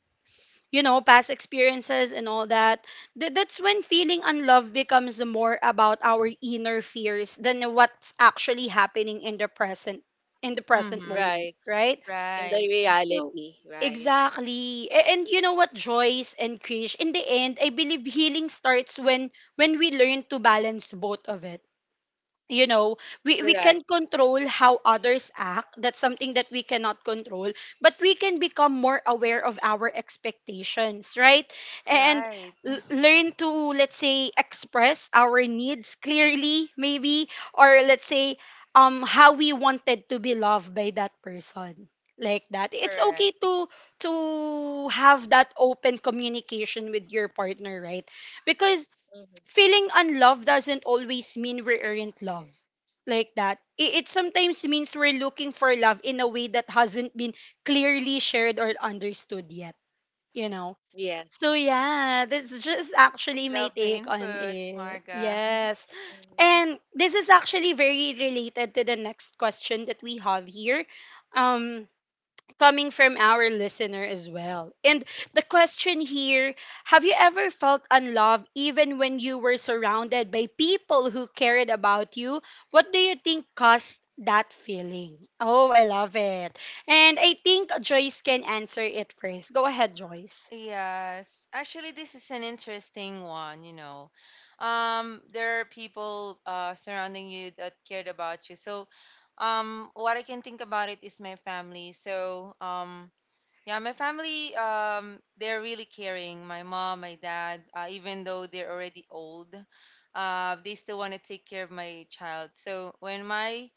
[SPEAKER 1] you know, past experiences and all that. That's when feeling unloved becomes more about our inner fears than what's actually happening in the present, in the present
[SPEAKER 2] Mm-hmm.
[SPEAKER 1] moment,
[SPEAKER 3] Right.
[SPEAKER 1] right?
[SPEAKER 3] And the
[SPEAKER 2] Right.
[SPEAKER 1] So
[SPEAKER 3] reality, right?
[SPEAKER 1] exactly. And you know what, Joyce and Krish, in the end, I believe healing starts when we learn to balance both of it. You know, we can
[SPEAKER 3] Correct.
[SPEAKER 1] control how others act, that's something that we cannot control, but we can become more aware of our expectations, right? And
[SPEAKER 2] Right.
[SPEAKER 1] learn to, let's say, express our needs clearly, maybe, or let's say how we wanted to be loved by that person, like that. It's
[SPEAKER 2] Correct.
[SPEAKER 1] okay to have that open communication with your partner, right? Because
[SPEAKER 3] Mm-hmm.
[SPEAKER 1] feeling unloved doesn't always mean we aren't loved like that. It sometimes means we're looking for love in a way that hasn't been clearly shared or understood yet, you know? So
[SPEAKER 3] Yes.
[SPEAKER 1] yeah, that's just
[SPEAKER 2] I
[SPEAKER 1] actually my
[SPEAKER 2] love the
[SPEAKER 1] take on
[SPEAKER 2] input,
[SPEAKER 1] it.
[SPEAKER 2] Marga. *laughs*
[SPEAKER 1] Yes.
[SPEAKER 3] Hmm.
[SPEAKER 1] And this is actually very related to the next question that we have here. Um, coming from our listener as well. And the question here: have you ever felt unloved even when you were surrounded by people who cared about you? What do you think caused that feeling? Oh, I love it. And I think Joyce can answer it first. Go ahead, Joyce.
[SPEAKER 2] Yes. Actually, this is an interesting one, you know. There are people surrounding you that cared about you. So, what I can think about it is my family. So, yeah, my family, they're really caring. My mom, my dad, even though they're already old, they still want to take care of my child. So when my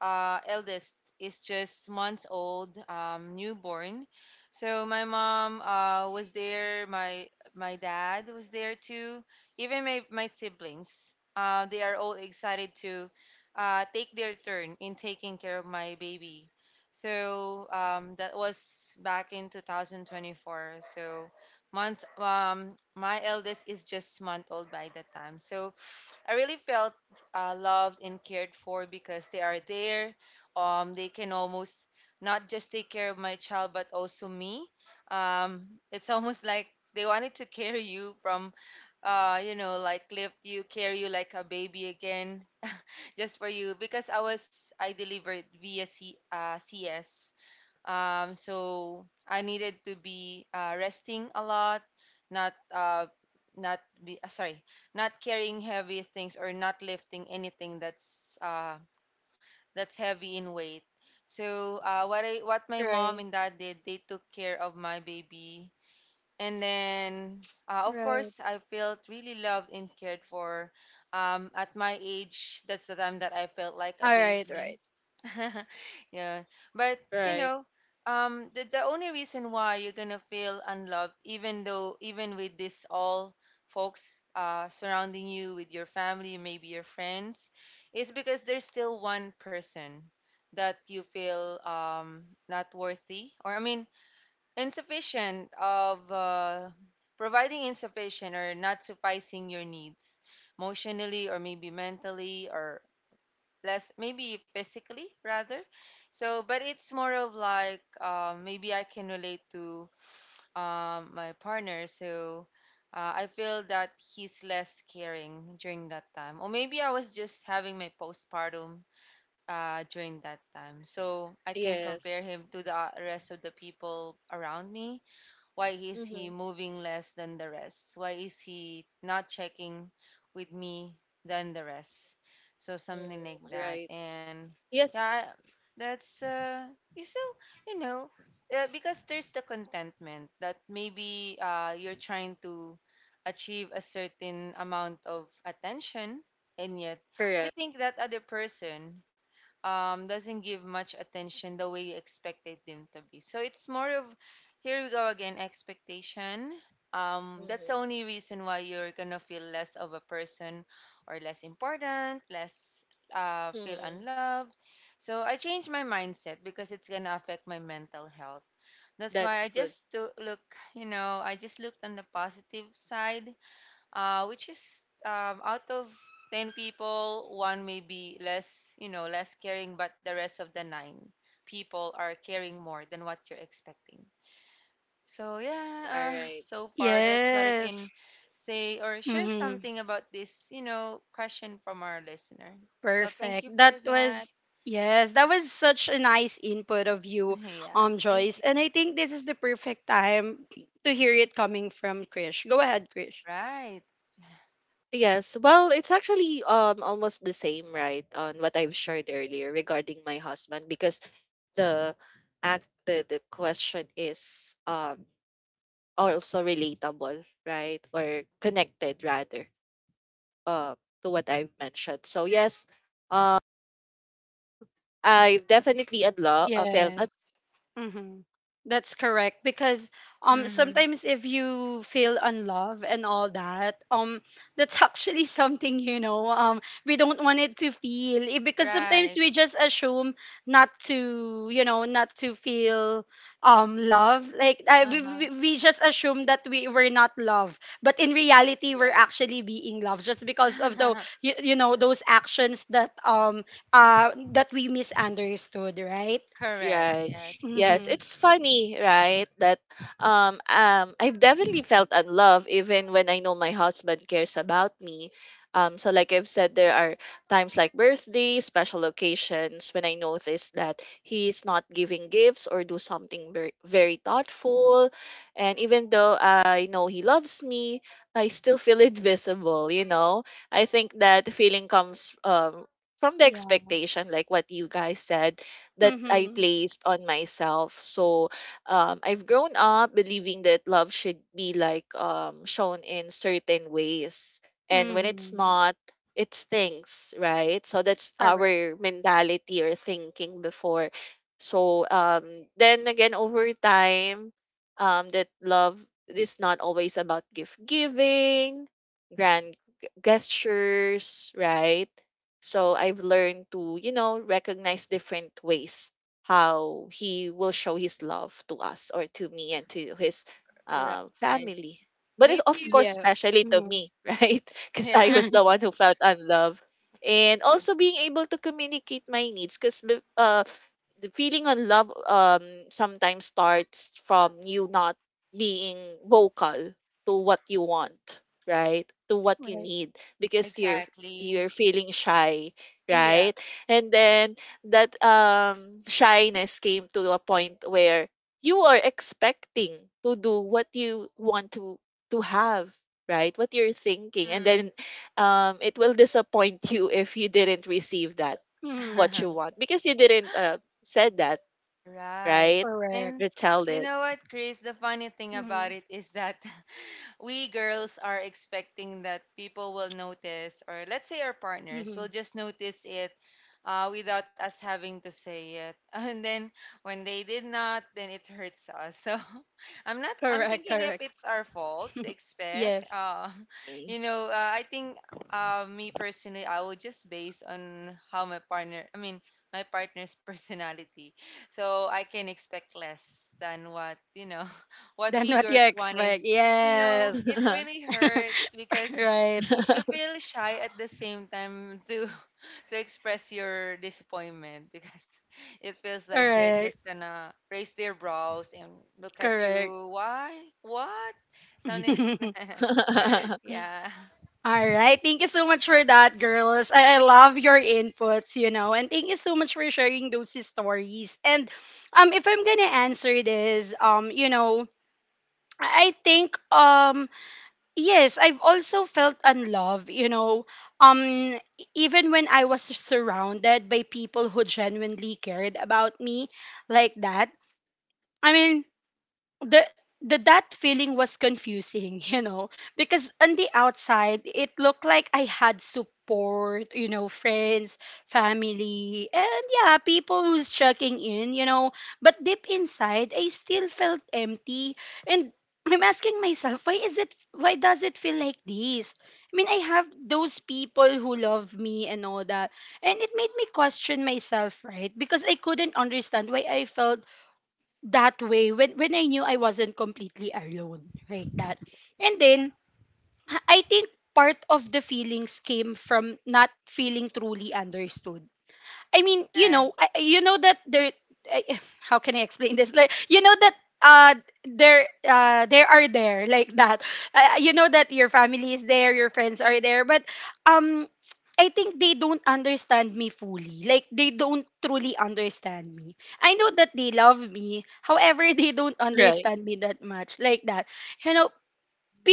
[SPEAKER 2] eldest is just months old, newborn, so my mom was there. My dad was there too. Even my siblings, they are all excited to take their turn in taking care of my baby. So that was back in 2024. So months my eldest is just month old by that time. So I really felt loved and cared for because they are there. They can almost not just take care of my child but also me. Um, it's *laughs* almost like they wanted to carry you from like, lift you, carry you like a baby again, *laughs* just for you, because I was I delivered via C, CS, so I needed to be resting a lot, not not be sorry, not carrying heavy things or not lifting anything that's heavy in weight. So what my mom
[SPEAKER 1] Right.
[SPEAKER 2] and dad did, they took care of my baby, and then, of
[SPEAKER 1] Right.
[SPEAKER 2] course, I felt really loved and cared for. At my age, that's the time that I felt like a
[SPEAKER 1] All right.
[SPEAKER 2] baby.
[SPEAKER 1] Right.
[SPEAKER 2] *laughs* Yeah. But, you
[SPEAKER 3] Right.
[SPEAKER 2] know, the only reason why you're going to feel unloved, even though, even with this all folks surrounding you, with your family, maybe your friends, is because there's still one person that you feel not worthy. Or, I mean, insufficient of providing, insufficient or not sufficing your needs emotionally, or maybe mentally, or less, maybe physically, rather. So but it's more of like maybe I can relate to my partner. So I feel that he's less caring during that time, or maybe I was just having my postpartum during that time, so I can compare
[SPEAKER 3] Yes.
[SPEAKER 2] him to the rest of the people around me. Why is he
[SPEAKER 3] Mm-hmm.
[SPEAKER 2] moving less than the rest? Why is he not checking with me than the rest? So
[SPEAKER 3] Mm.
[SPEAKER 2] something like that.
[SPEAKER 3] Right.
[SPEAKER 2] And yeah,
[SPEAKER 3] Yes.
[SPEAKER 2] that's you still, you know, because there's the contentment that maybe you're trying to achieve a certain amount of attention, and yet you
[SPEAKER 3] Correct.
[SPEAKER 2] think that other person doesn't give much attention the way you expected them to be. So it's more of here we go again, expectation. That's the
[SPEAKER 3] Mm-hmm.
[SPEAKER 2] only reason why you're gonna feel less of a person or less important, less feel
[SPEAKER 3] Mm-hmm.
[SPEAKER 2] unloved. So I changed my mindset because it's gonna affect my mental health. That's why I
[SPEAKER 3] That's good.
[SPEAKER 2] just to look, you know, I just looked on the positive side, which is, out of 10 people, one may be less, you know, less caring, but the rest of the nine people are caring more than what you're expecting. So,
[SPEAKER 3] Mm, all
[SPEAKER 2] yeah, *laughs*
[SPEAKER 3] right.
[SPEAKER 2] so far, that's what I can
[SPEAKER 1] Yes.
[SPEAKER 2] say or share something about this, you know, question from our listener. So, thank you
[SPEAKER 1] Perfect. That
[SPEAKER 2] for that.
[SPEAKER 1] was, yes, that was such a nice input of
[SPEAKER 2] *laughs*
[SPEAKER 1] you,
[SPEAKER 2] Yeah, thank
[SPEAKER 1] Joyce.
[SPEAKER 2] you.
[SPEAKER 1] And I think this is the perfect time to hear it coming from Krish. Go ahead, Krish.
[SPEAKER 2] Right.
[SPEAKER 3] Yes. Well, it's actually almost the same, right, on what I've shared earlier regarding my husband because the the question is also relatable right or connected rather uh, to what I've mentioned, so yes, uh, felt
[SPEAKER 1] Yes.
[SPEAKER 3] unloved
[SPEAKER 1] Mm-hmm. That's correct, because
[SPEAKER 2] Mm-hmm.
[SPEAKER 1] sometimes if you feel unloved and all that, that's actually *laughs* something, you know, we don't want it to feel, eh, because sometimes
[SPEAKER 2] Right.
[SPEAKER 1] we just assume not to, you know, not to feel love, like I,
[SPEAKER 2] Uh huh.
[SPEAKER 1] we just assume that we were not loved, but in reality we're
[SPEAKER 3] right.
[SPEAKER 1] actually being loved, just because of the
[SPEAKER 2] *laughs*
[SPEAKER 1] you know those actions that
[SPEAKER 3] Mm-hmm.
[SPEAKER 1] that we misunderstood, right?
[SPEAKER 2] Correct.
[SPEAKER 3] Right.
[SPEAKER 2] Yes.
[SPEAKER 3] Yes,
[SPEAKER 1] Mm-hmm.
[SPEAKER 3] it's funny, right? That I've definitely felt unloved even when I know my husband cares about me. So like I've said there are times like birthdays, special occasions when I notice that he's not giving gifts or do something very, very thoughtful, and even though I know he loves me, I still feel *laughs* invisible, you know? I think that feeling comes from the expectation
[SPEAKER 1] Yes.
[SPEAKER 3] like what you guys said that I
[SPEAKER 1] Mm-hmm.
[SPEAKER 3] placed on myself. So I've grown up believing that love should be like shown in certain ways. And when it's
[SPEAKER 1] Mm-hmm.
[SPEAKER 3] not, it stinks, right? So that's
[SPEAKER 1] Correct.
[SPEAKER 3] our mentality or thinking before. So then again, over time, that love is not always about gift giving, grand gestures, right? So I've learned to, you know, recognize different ways how he will show his love to us or to me and to his
[SPEAKER 2] Right.
[SPEAKER 3] family. But it's,
[SPEAKER 2] Maybe
[SPEAKER 3] of
[SPEAKER 2] you
[SPEAKER 3] course,
[SPEAKER 2] would.
[SPEAKER 1] Yeah.
[SPEAKER 3] especially to
[SPEAKER 1] Mm-hmm.
[SPEAKER 3] me, *laughs* right? Because I
[SPEAKER 2] Yeah.
[SPEAKER 3] was the
[SPEAKER 1] *laughs*
[SPEAKER 3] one who felt unloved. And also being able to communicate my needs because uh, the feeling unloved sometimes starts from you not being vocal to what you want, right? To what you
[SPEAKER 1] Right.
[SPEAKER 3] need because
[SPEAKER 2] Exactly.
[SPEAKER 3] you're feeling shy,
[SPEAKER 2] Yeah.
[SPEAKER 3] right? And then that shyness came to a point where you are expecting to do what you want to have, right? What you're thinking. And then
[SPEAKER 2] Hmm.
[SPEAKER 3] it will disappoint you if you didn't receive that
[SPEAKER 1] Mm-hmm.
[SPEAKER 3] what you want
[SPEAKER 2] *laughs*
[SPEAKER 3] because you didn't said that,
[SPEAKER 2] Right.
[SPEAKER 3] right?
[SPEAKER 1] Correct.
[SPEAKER 2] And
[SPEAKER 3] Retell
[SPEAKER 2] you
[SPEAKER 3] it.
[SPEAKER 2] know what, Chris? The funny thing about
[SPEAKER 1] Mm-hmm.
[SPEAKER 2] it is that *laughs* we girls are expecting that people will notice, or let's say our partners
[SPEAKER 1] Mm-hmm.
[SPEAKER 2] will just notice it without us having to say it. *laughs* And then when they did not, then it hurts us. So *laughs* I'm not, I'm
[SPEAKER 1] Correct.
[SPEAKER 2] thinking if
[SPEAKER 1] Correct.
[SPEAKER 2] it's our fault to expect.
[SPEAKER 1] Yes.
[SPEAKER 3] Mm.
[SPEAKER 2] *laughs* You know, I think me personally, I will just base on how my partner, I mean, my partner's *laughs* personality. So I can expect less than what, you know, *laughs* what
[SPEAKER 1] Than
[SPEAKER 2] we
[SPEAKER 1] what you
[SPEAKER 2] girls
[SPEAKER 1] expect.
[SPEAKER 2] wanted. You know,
[SPEAKER 1] Yes.
[SPEAKER 2] it
[SPEAKER 3] *laughs*
[SPEAKER 2] really hurts because
[SPEAKER 1] Right.
[SPEAKER 2] you feel shy at the same time to *laughs* to express your disappointment, because *laughs* it feels like they're just
[SPEAKER 1] Correct.
[SPEAKER 2] gonna raise their brows and look at
[SPEAKER 1] Correct.
[SPEAKER 2] you. Why? What?
[SPEAKER 1] *laughs*
[SPEAKER 2] Something *laughs*
[SPEAKER 1] All
[SPEAKER 2] like that. Yeah.
[SPEAKER 1] right. Thank you so much for that, girls. I love your inputs, you know, and thank you so much for sharing those stories. And if I'm gonna answer this, you know, I think yes, I've also felt unloved, you know. Um e- Even when I was surrounded by people who genuinely cared about me like that. I mean, the the that feeling was confusing, *laughs* you know, because on the outside it looked like I had support, you know, friends, family, and yeah, people who's checking in, you know, but deep inside I still felt empty. And I'm asking myself, why is it, why does it feel like this? I mean, I have those people who love me and all that. And it made me question myself, right? Because I couldn't understand why I felt that way when I knew I wasn't completely alone, right? That. And then I think part of the feelings came from not feeling truly understood. I mean, you know,
[SPEAKER 2] Yes.
[SPEAKER 1] you know that there. I- How can I explain this? Like, you know that there are there, *laughs* like that. You know that your family is there, your friends are there, but um. I think they don't understand me fully. Like, they don't truly understand me. I know that they love me. However, *laughs* they don't
[SPEAKER 3] Right.
[SPEAKER 1] understand me that much. Like that. You know,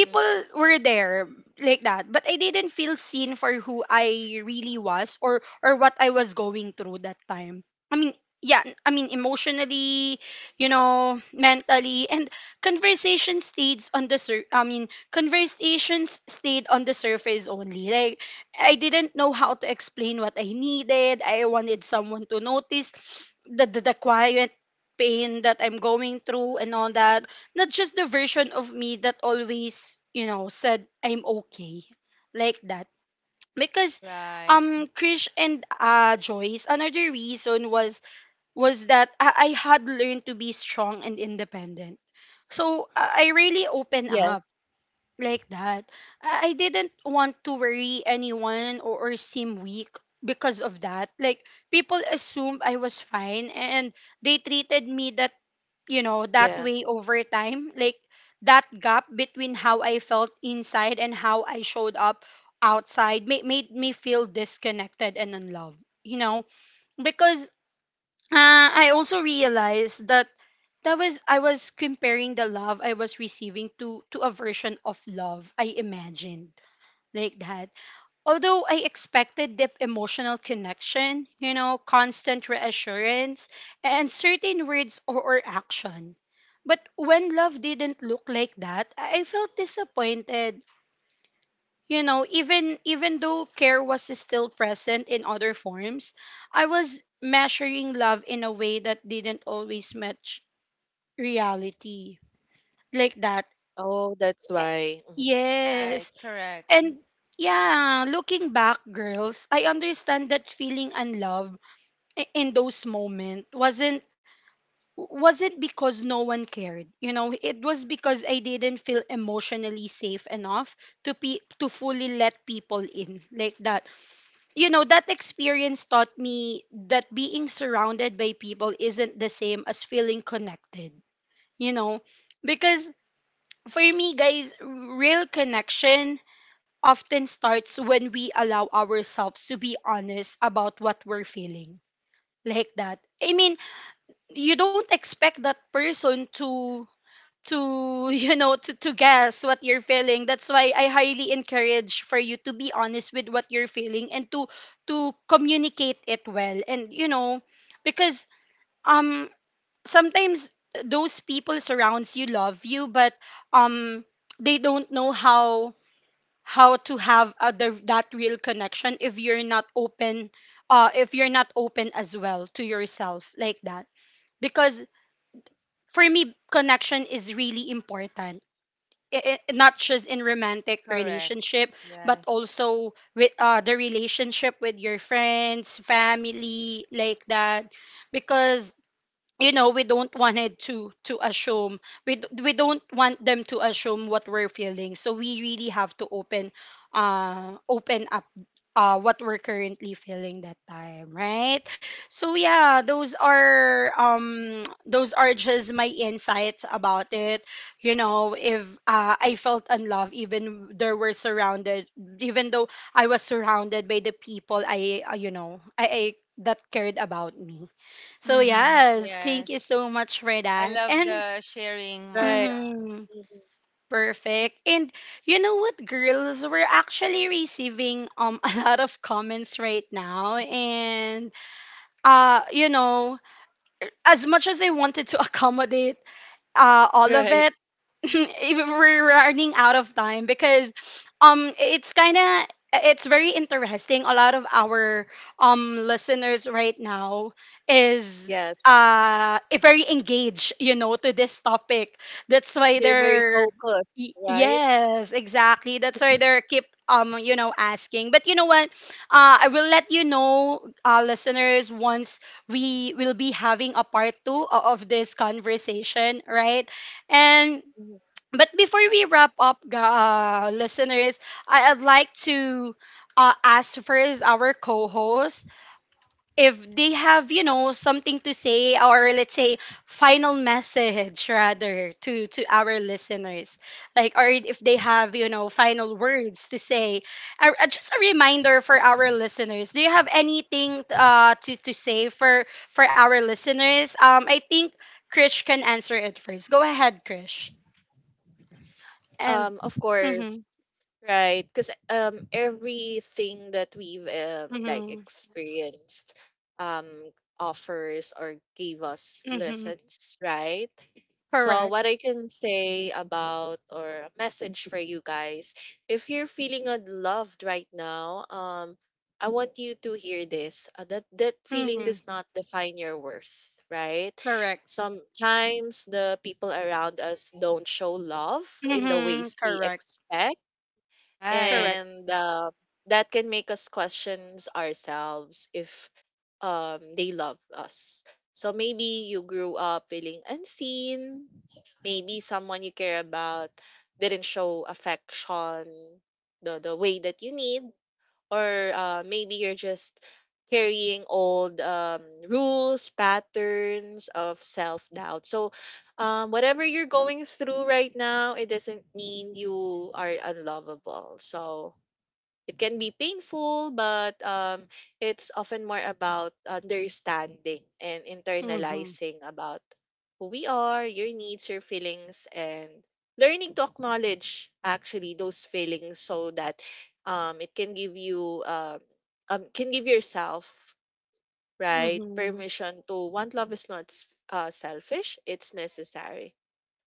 [SPEAKER 3] Mhm.
[SPEAKER 1] were there like that, but I didn't feel seen for who I really was, or what I was going through that time. I mean, yeah, I mean emotionally, you know, mentally, and conversation stayed on the sur- I mean, conversations stayed on the surface only. Like, I didn't know how to explain what I needed. I wanted someone to notice the quiet pain that I'm going through and all that, not just the version of me that always, you know, said I'm okay, like that. Because
[SPEAKER 2] Right.
[SPEAKER 1] Krish and Joyce, another reason was that I had learned to be strong and independent. So I really opened
[SPEAKER 3] Yes.
[SPEAKER 1] up like that. I didn't want to worry anyone, or seem weak because of that. Like people assumed I was fine and they treated me that that
[SPEAKER 3] Yeah.
[SPEAKER 1] way over time. Like that gap between how I felt inside and how I showed up outside made me feel disconnected and unloved, you know, because I also realized that that was I was comparing the love I was receiving to a version of love I imagined. Like that. Although I expected deep emotional connection, constant reassurance, and certain words or action. But when love didn't look like that, I felt disappointed. You know, even though care was still present in other forms, I was measuring love in a way that didn't always match reality. Like that.
[SPEAKER 3] Oh, that's why. Mhm.
[SPEAKER 1] Yes.
[SPEAKER 2] Right. Correct.
[SPEAKER 1] And yeah, looking back, girls, I understand that feeling unloved in those moments wasn't because no one cared, you know. It was because I didn't feel emotionally safe enough to fully let people in, like that. You know, that experience taught me that being surrounded by people isn't the same as feeling connected, you know, because for me, guys, real connection often starts when we allow ourselves to be honest about what we're feeling, like that. I mean, you don't expect that person to *laughs* to guess what you're feeling. That's why I highly encourage for you to be honest with what you're feeling and to communicate it well. And because um sometimes those people surrounds you love you, but um they don't know how to have other that real connection if you're not open, if you're not open as well to yourself, like that. Because for me, connection is really important. Not just in romantic
[SPEAKER 2] Correct.
[SPEAKER 1] relationship, but
[SPEAKER 2] Yes.
[SPEAKER 1] also with the relationship with your friends, family, like that. Because you know we don't wanted to assume, we don't want them to assume what we're feeling, so we really have to open, open up what we're currently feeling that time, right? So yeah, those are just my insights about it. You know, if I felt unloved even there were surrounded, even though I was surrounded by the people I, I that cared about me. So
[SPEAKER 2] Mm-hmm.
[SPEAKER 1] yes, thank you
[SPEAKER 2] Yes.
[SPEAKER 1] so much for
[SPEAKER 2] I
[SPEAKER 1] that.
[SPEAKER 2] love
[SPEAKER 1] And
[SPEAKER 2] the sharing,
[SPEAKER 3] Right.
[SPEAKER 2] Marka.
[SPEAKER 1] mhm,
[SPEAKER 3] Mhm.
[SPEAKER 1] perfect. And you know what, girls, we're actually receiving *laughs* a lot of comments right now, and you know, as much as I wanted to *laughs* accommodate all of
[SPEAKER 3] Right.
[SPEAKER 1] it, *laughs* if we're running out of time. Because it's kind of, it's very interesting, a lot of our listeners right now is
[SPEAKER 3] Yes.
[SPEAKER 1] very engaged, you know, to this topic. That's why
[SPEAKER 3] They're very
[SPEAKER 1] they're,
[SPEAKER 3] focused, right?
[SPEAKER 1] Yes, exactly, that's why they're keep you know asking. But you know what, I will let you know, listeners, once we will be having a part 2 of this conversation, right? And
[SPEAKER 3] Mhm.
[SPEAKER 1] but before we wrap up, listeners, I'd like to ask first our co-host if they have, you know, something to say, or let's say final message *laughs* rather to our listeners, like, or if they have, you know, final words to say. Just a reminder for our listeners, do you have anything to say for our listeners? I think Krish can answer it first. Go ahead, Krish. And
[SPEAKER 3] Of course,
[SPEAKER 1] mhm.
[SPEAKER 3] right, because everything that we've like
[SPEAKER 1] Mhm.
[SPEAKER 3] experienced um offers or gave us
[SPEAKER 1] Mhm.
[SPEAKER 3] lessons, right? So
[SPEAKER 1] Correct.
[SPEAKER 3] what I can say about or a message for you guys, if you're feeling unloved right now, I want you to hear this. That that feeling
[SPEAKER 1] Mhm.
[SPEAKER 3] does not define your worth, right?
[SPEAKER 1] Correct.
[SPEAKER 3] Sometimes the people around us don't show love in the
[SPEAKER 1] Mhm.
[SPEAKER 3] ways we
[SPEAKER 1] Correct.
[SPEAKER 3] expect
[SPEAKER 2] Right.
[SPEAKER 1] Correct.
[SPEAKER 3] and that can make us questions ourselves if they love us. So maybe you grew up feeling unseen. Maybe someone you care about didn't show affection the way that you need, or maybe you're just carrying old rules, patterns of self doubt. So whatever you're going through right now, it doesn't mean you are unlovable. So it can be painful, but it's often more about understanding and
[SPEAKER 1] Mhm.
[SPEAKER 3] internalizing about who we are, your needs, your feelings, and learning to acknowledge actually those feelings so that it can give you can give yourself right
[SPEAKER 1] Mhm.
[SPEAKER 3] permission to want love is not selfish; it's necessary.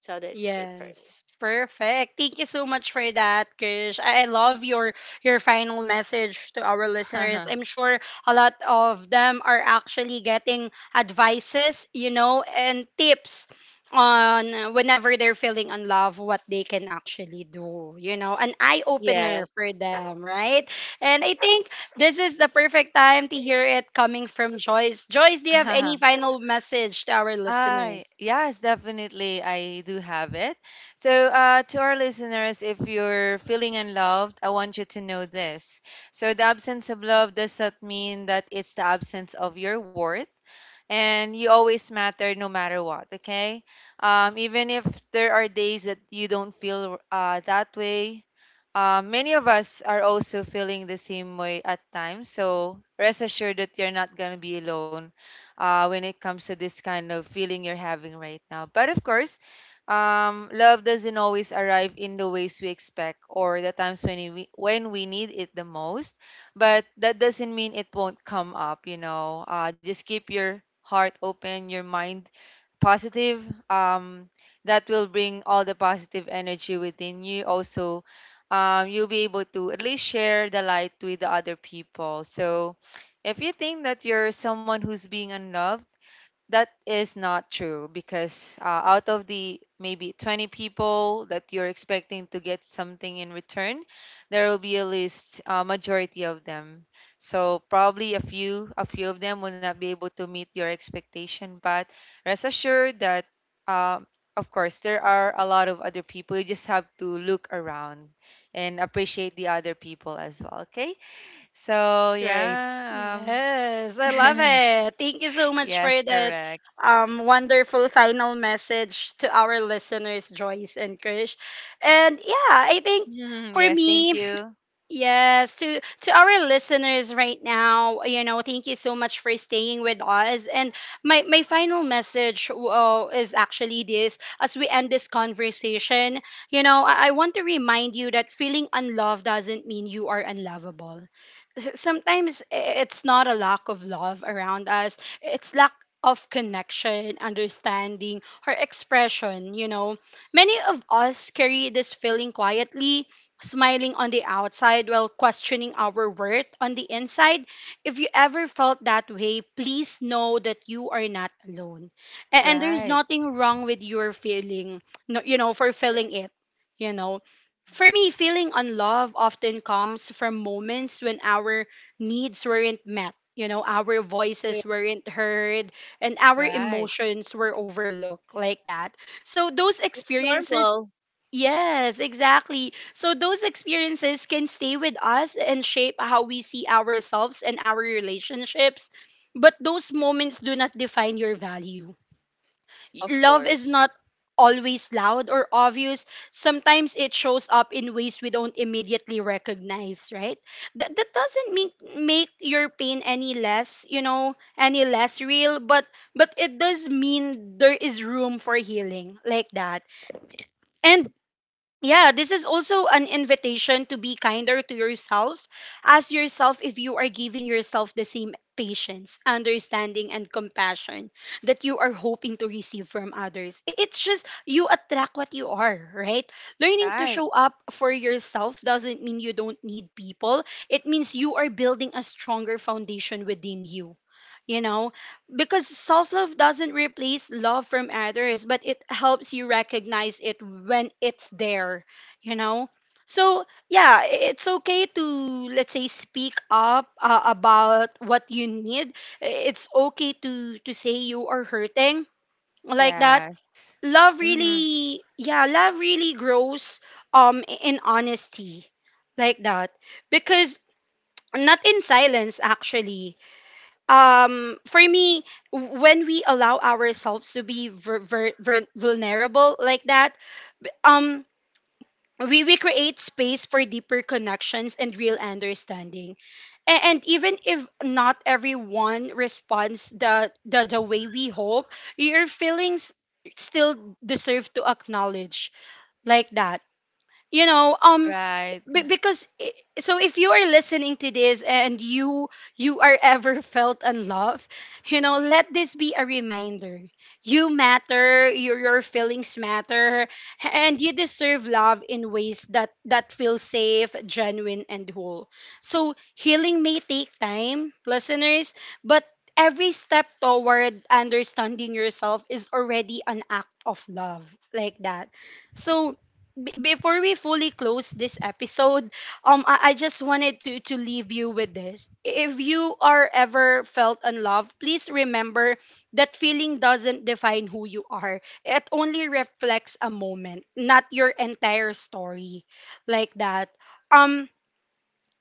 [SPEAKER 3] So that's it for me.
[SPEAKER 1] Yes, perfect. Thank you so much for that, Krish. I love your final message to our listeners.
[SPEAKER 2] *laughs*
[SPEAKER 1] I'm sure a lot of them are actually getting advices, you know, and tips on whenever they're feeling in love, what they can actually do, you know, an eye opener
[SPEAKER 3] Yes,
[SPEAKER 1] for them, right? And I think this is the perfect time to hear it coming from Joyce. Joyce, do you have any final message to our
[SPEAKER 2] I,
[SPEAKER 1] listeners?
[SPEAKER 2] yes, definitely. I do have it. So, to our listeners, if you're feeling unloved, I want you to know this. So the absence of love doesn't mean that it's the absence of your worth, and you always matter no matter what. Okay, even if there are days that you don't feel that way, many of us are also feeling the same way at times. So rest assured that you're not going to be alone when it comes to this kind of feeling you're having right now. But of course, love doesn't always arrive in the ways we expect or the times when we need it the most. But that doesn't mean it won't come up. You know, just keep your heart open, your mind positive, that will bring all the positive energy within you. Also, you'll be able to at least share the light with the other people. So if you think that you're someone who's being unloved, that is not true, because out of the maybe 20 people that you're expecting to get something in return, there will be a least a majority of them. So probably a few, a few of them will not be able to meet your expectation, but rest assured that, um, of course, there are a lot of other people. You just have to look around and appreciate the other people as well, okay? So
[SPEAKER 3] right,
[SPEAKER 2] yeah,
[SPEAKER 1] Yes, I love
[SPEAKER 2] *laughs*
[SPEAKER 1] it. Thank you so much for
[SPEAKER 2] yes,
[SPEAKER 1] that,
[SPEAKER 2] correct.
[SPEAKER 1] wonderful final message to our listeners, Joyce and Krish. And yeah, I think
[SPEAKER 2] Mhm,
[SPEAKER 1] for
[SPEAKER 2] yes, thank
[SPEAKER 1] me,
[SPEAKER 2] you.
[SPEAKER 1] yes, to our listeners right now, you know, thank you so much for staying with us. And my final message is actually this: as we end this conversation, you know, I want to remind you that feeling unloved doesn't mean you are unlovable. Sometimes it's not a lack of love around us; it's lack of connection, understanding, or expression. You know, many of us carry this feeling quietly, smiling on the outside while questioning our worth on the inside. If you ever felt that way, please know that you are not alone. And there's
[SPEAKER 2] Right,
[SPEAKER 1] nothing wrong with your feeling, you know, for feeling
[SPEAKER 3] correct.
[SPEAKER 1] it, you know.
[SPEAKER 3] Mhm.
[SPEAKER 1] For me, feeling unloved often comes from moments when our needs weren't met. You know, our
[SPEAKER 3] Correct.
[SPEAKER 1] voices weren't heard and our
[SPEAKER 2] right,
[SPEAKER 1] emotions were overlooked, like that. So, those
[SPEAKER 3] It's
[SPEAKER 1] experiences,
[SPEAKER 3] normal,
[SPEAKER 1] yes, exactly. So those experiences can stay with us and shape how we see ourselves and our relationships. But those moments do not define your value.
[SPEAKER 3] of
[SPEAKER 1] Love is
[SPEAKER 3] course.
[SPEAKER 1] not always loud or obvious. Sometimes it shows up in ways we don't immediately recognize, right? That doesn't make make your pain any less, you know, any less real, but it does mean there is room for healing, like that. And yeah, this is also an invitation to be kinder to yourself. Ask yourself if you are giving yourself the same patience, understanding, and compassion that you are hoping to receive from others. It's just you attract what you are, right? Learning to
[SPEAKER 2] right.
[SPEAKER 1] show up for yourself doesn't mean you don't need people, it means you are building a stronger foundation within you. You know, because self love doesn't replace love from others, but it helps you recognize it when it's there, you know? So, yeah, it's okay to, let's say, speak up about what you need. It's okay to say you are hurting, like that.
[SPEAKER 2] Yes.
[SPEAKER 1] Love
[SPEAKER 2] Mm-hmm.
[SPEAKER 1] really, yeah, love really grows in honesty, like that, because not in silence actually. For me, when we allow ourselves to be vulnerable, like that, b- um we create space for deeper connections and real understanding. And even if not everyone responds the way we hope, your feelings still deserve to acknowledge, like that, you know.
[SPEAKER 2] Right. *laughs*
[SPEAKER 1] Because so if you are listening to this and you are ever *laughs* felt unloved, you know, let this be a reminder: you matter, your feelings matter, and you deserve love in ways that that feel safe, genuine, and whole. So healing may take time, listeners, but every step toward understanding yourself is already an act of love, like that. So before we fully close this episode, I just wanted to leave you with this. If you are ever felt unloved, please remember that feeling doesn't define who you are. It only reflects a moment, not your entire story, like that. Um,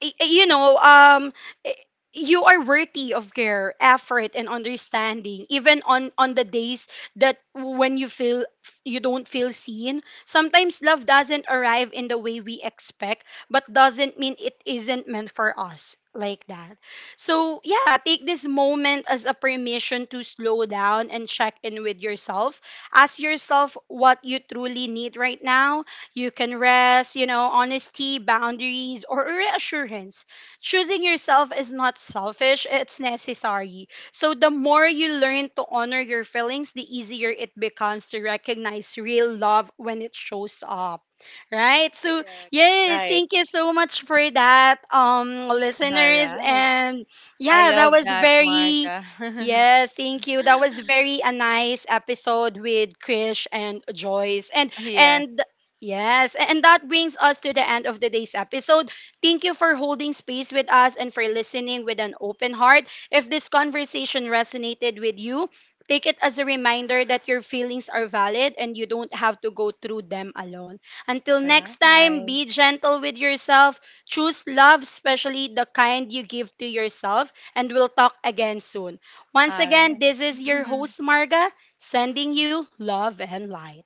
[SPEAKER 1] y- you know, i- you are worthy of care, effort, and understanding, even on the days that when you feel you don't feel seen. Sometimes love doesn't arrive in the way we expect, but doesn't mean it isn't meant for us, like that. So yeah, take this moment as a permission to slow down and check in with yourself. Ask yourself what you truly need right now. You can rest, you know, honesty, boundaries, or reassurance. Choosing yourself is not selfish, it's necessary. So, the more you learn to honor your feelings, the easier it becomes to recognize real love when it shows up. Right? So,
[SPEAKER 3] Correct.
[SPEAKER 1] yes,
[SPEAKER 3] Right.
[SPEAKER 1] thank you so much for that,
[SPEAKER 2] All
[SPEAKER 1] listeners.
[SPEAKER 2] right.
[SPEAKER 1] And
[SPEAKER 2] I
[SPEAKER 1] yeah, that
[SPEAKER 2] love
[SPEAKER 1] was
[SPEAKER 2] that,
[SPEAKER 1] very.
[SPEAKER 2] Marga. *laughs*
[SPEAKER 1] Yes, thank you. That was very a nice episode with Krish and Joyce.
[SPEAKER 2] Yes.
[SPEAKER 1] And yes, and that brings us to the end of today's episode. Thank you for holding space with us and for listening with an open heart. If this conversation resonated with you, take it as a reminder that your feelings are valid and you don't have to go through them alone. Until next time,
[SPEAKER 2] Right.
[SPEAKER 1] be gentle with yourself. Choose love, especially the kind you give to yourself, and we'll talk again soon. Once
[SPEAKER 2] All
[SPEAKER 1] again,
[SPEAKER 2] right.
[SPEAKER 1] this is your
[SPEAKER 2] *laughs*
[SPEAKER 1] host, Marga, sending you love and light.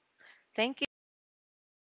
[SPEAKER 2] Thank you, guys.
[SPEAKER 3] Bye.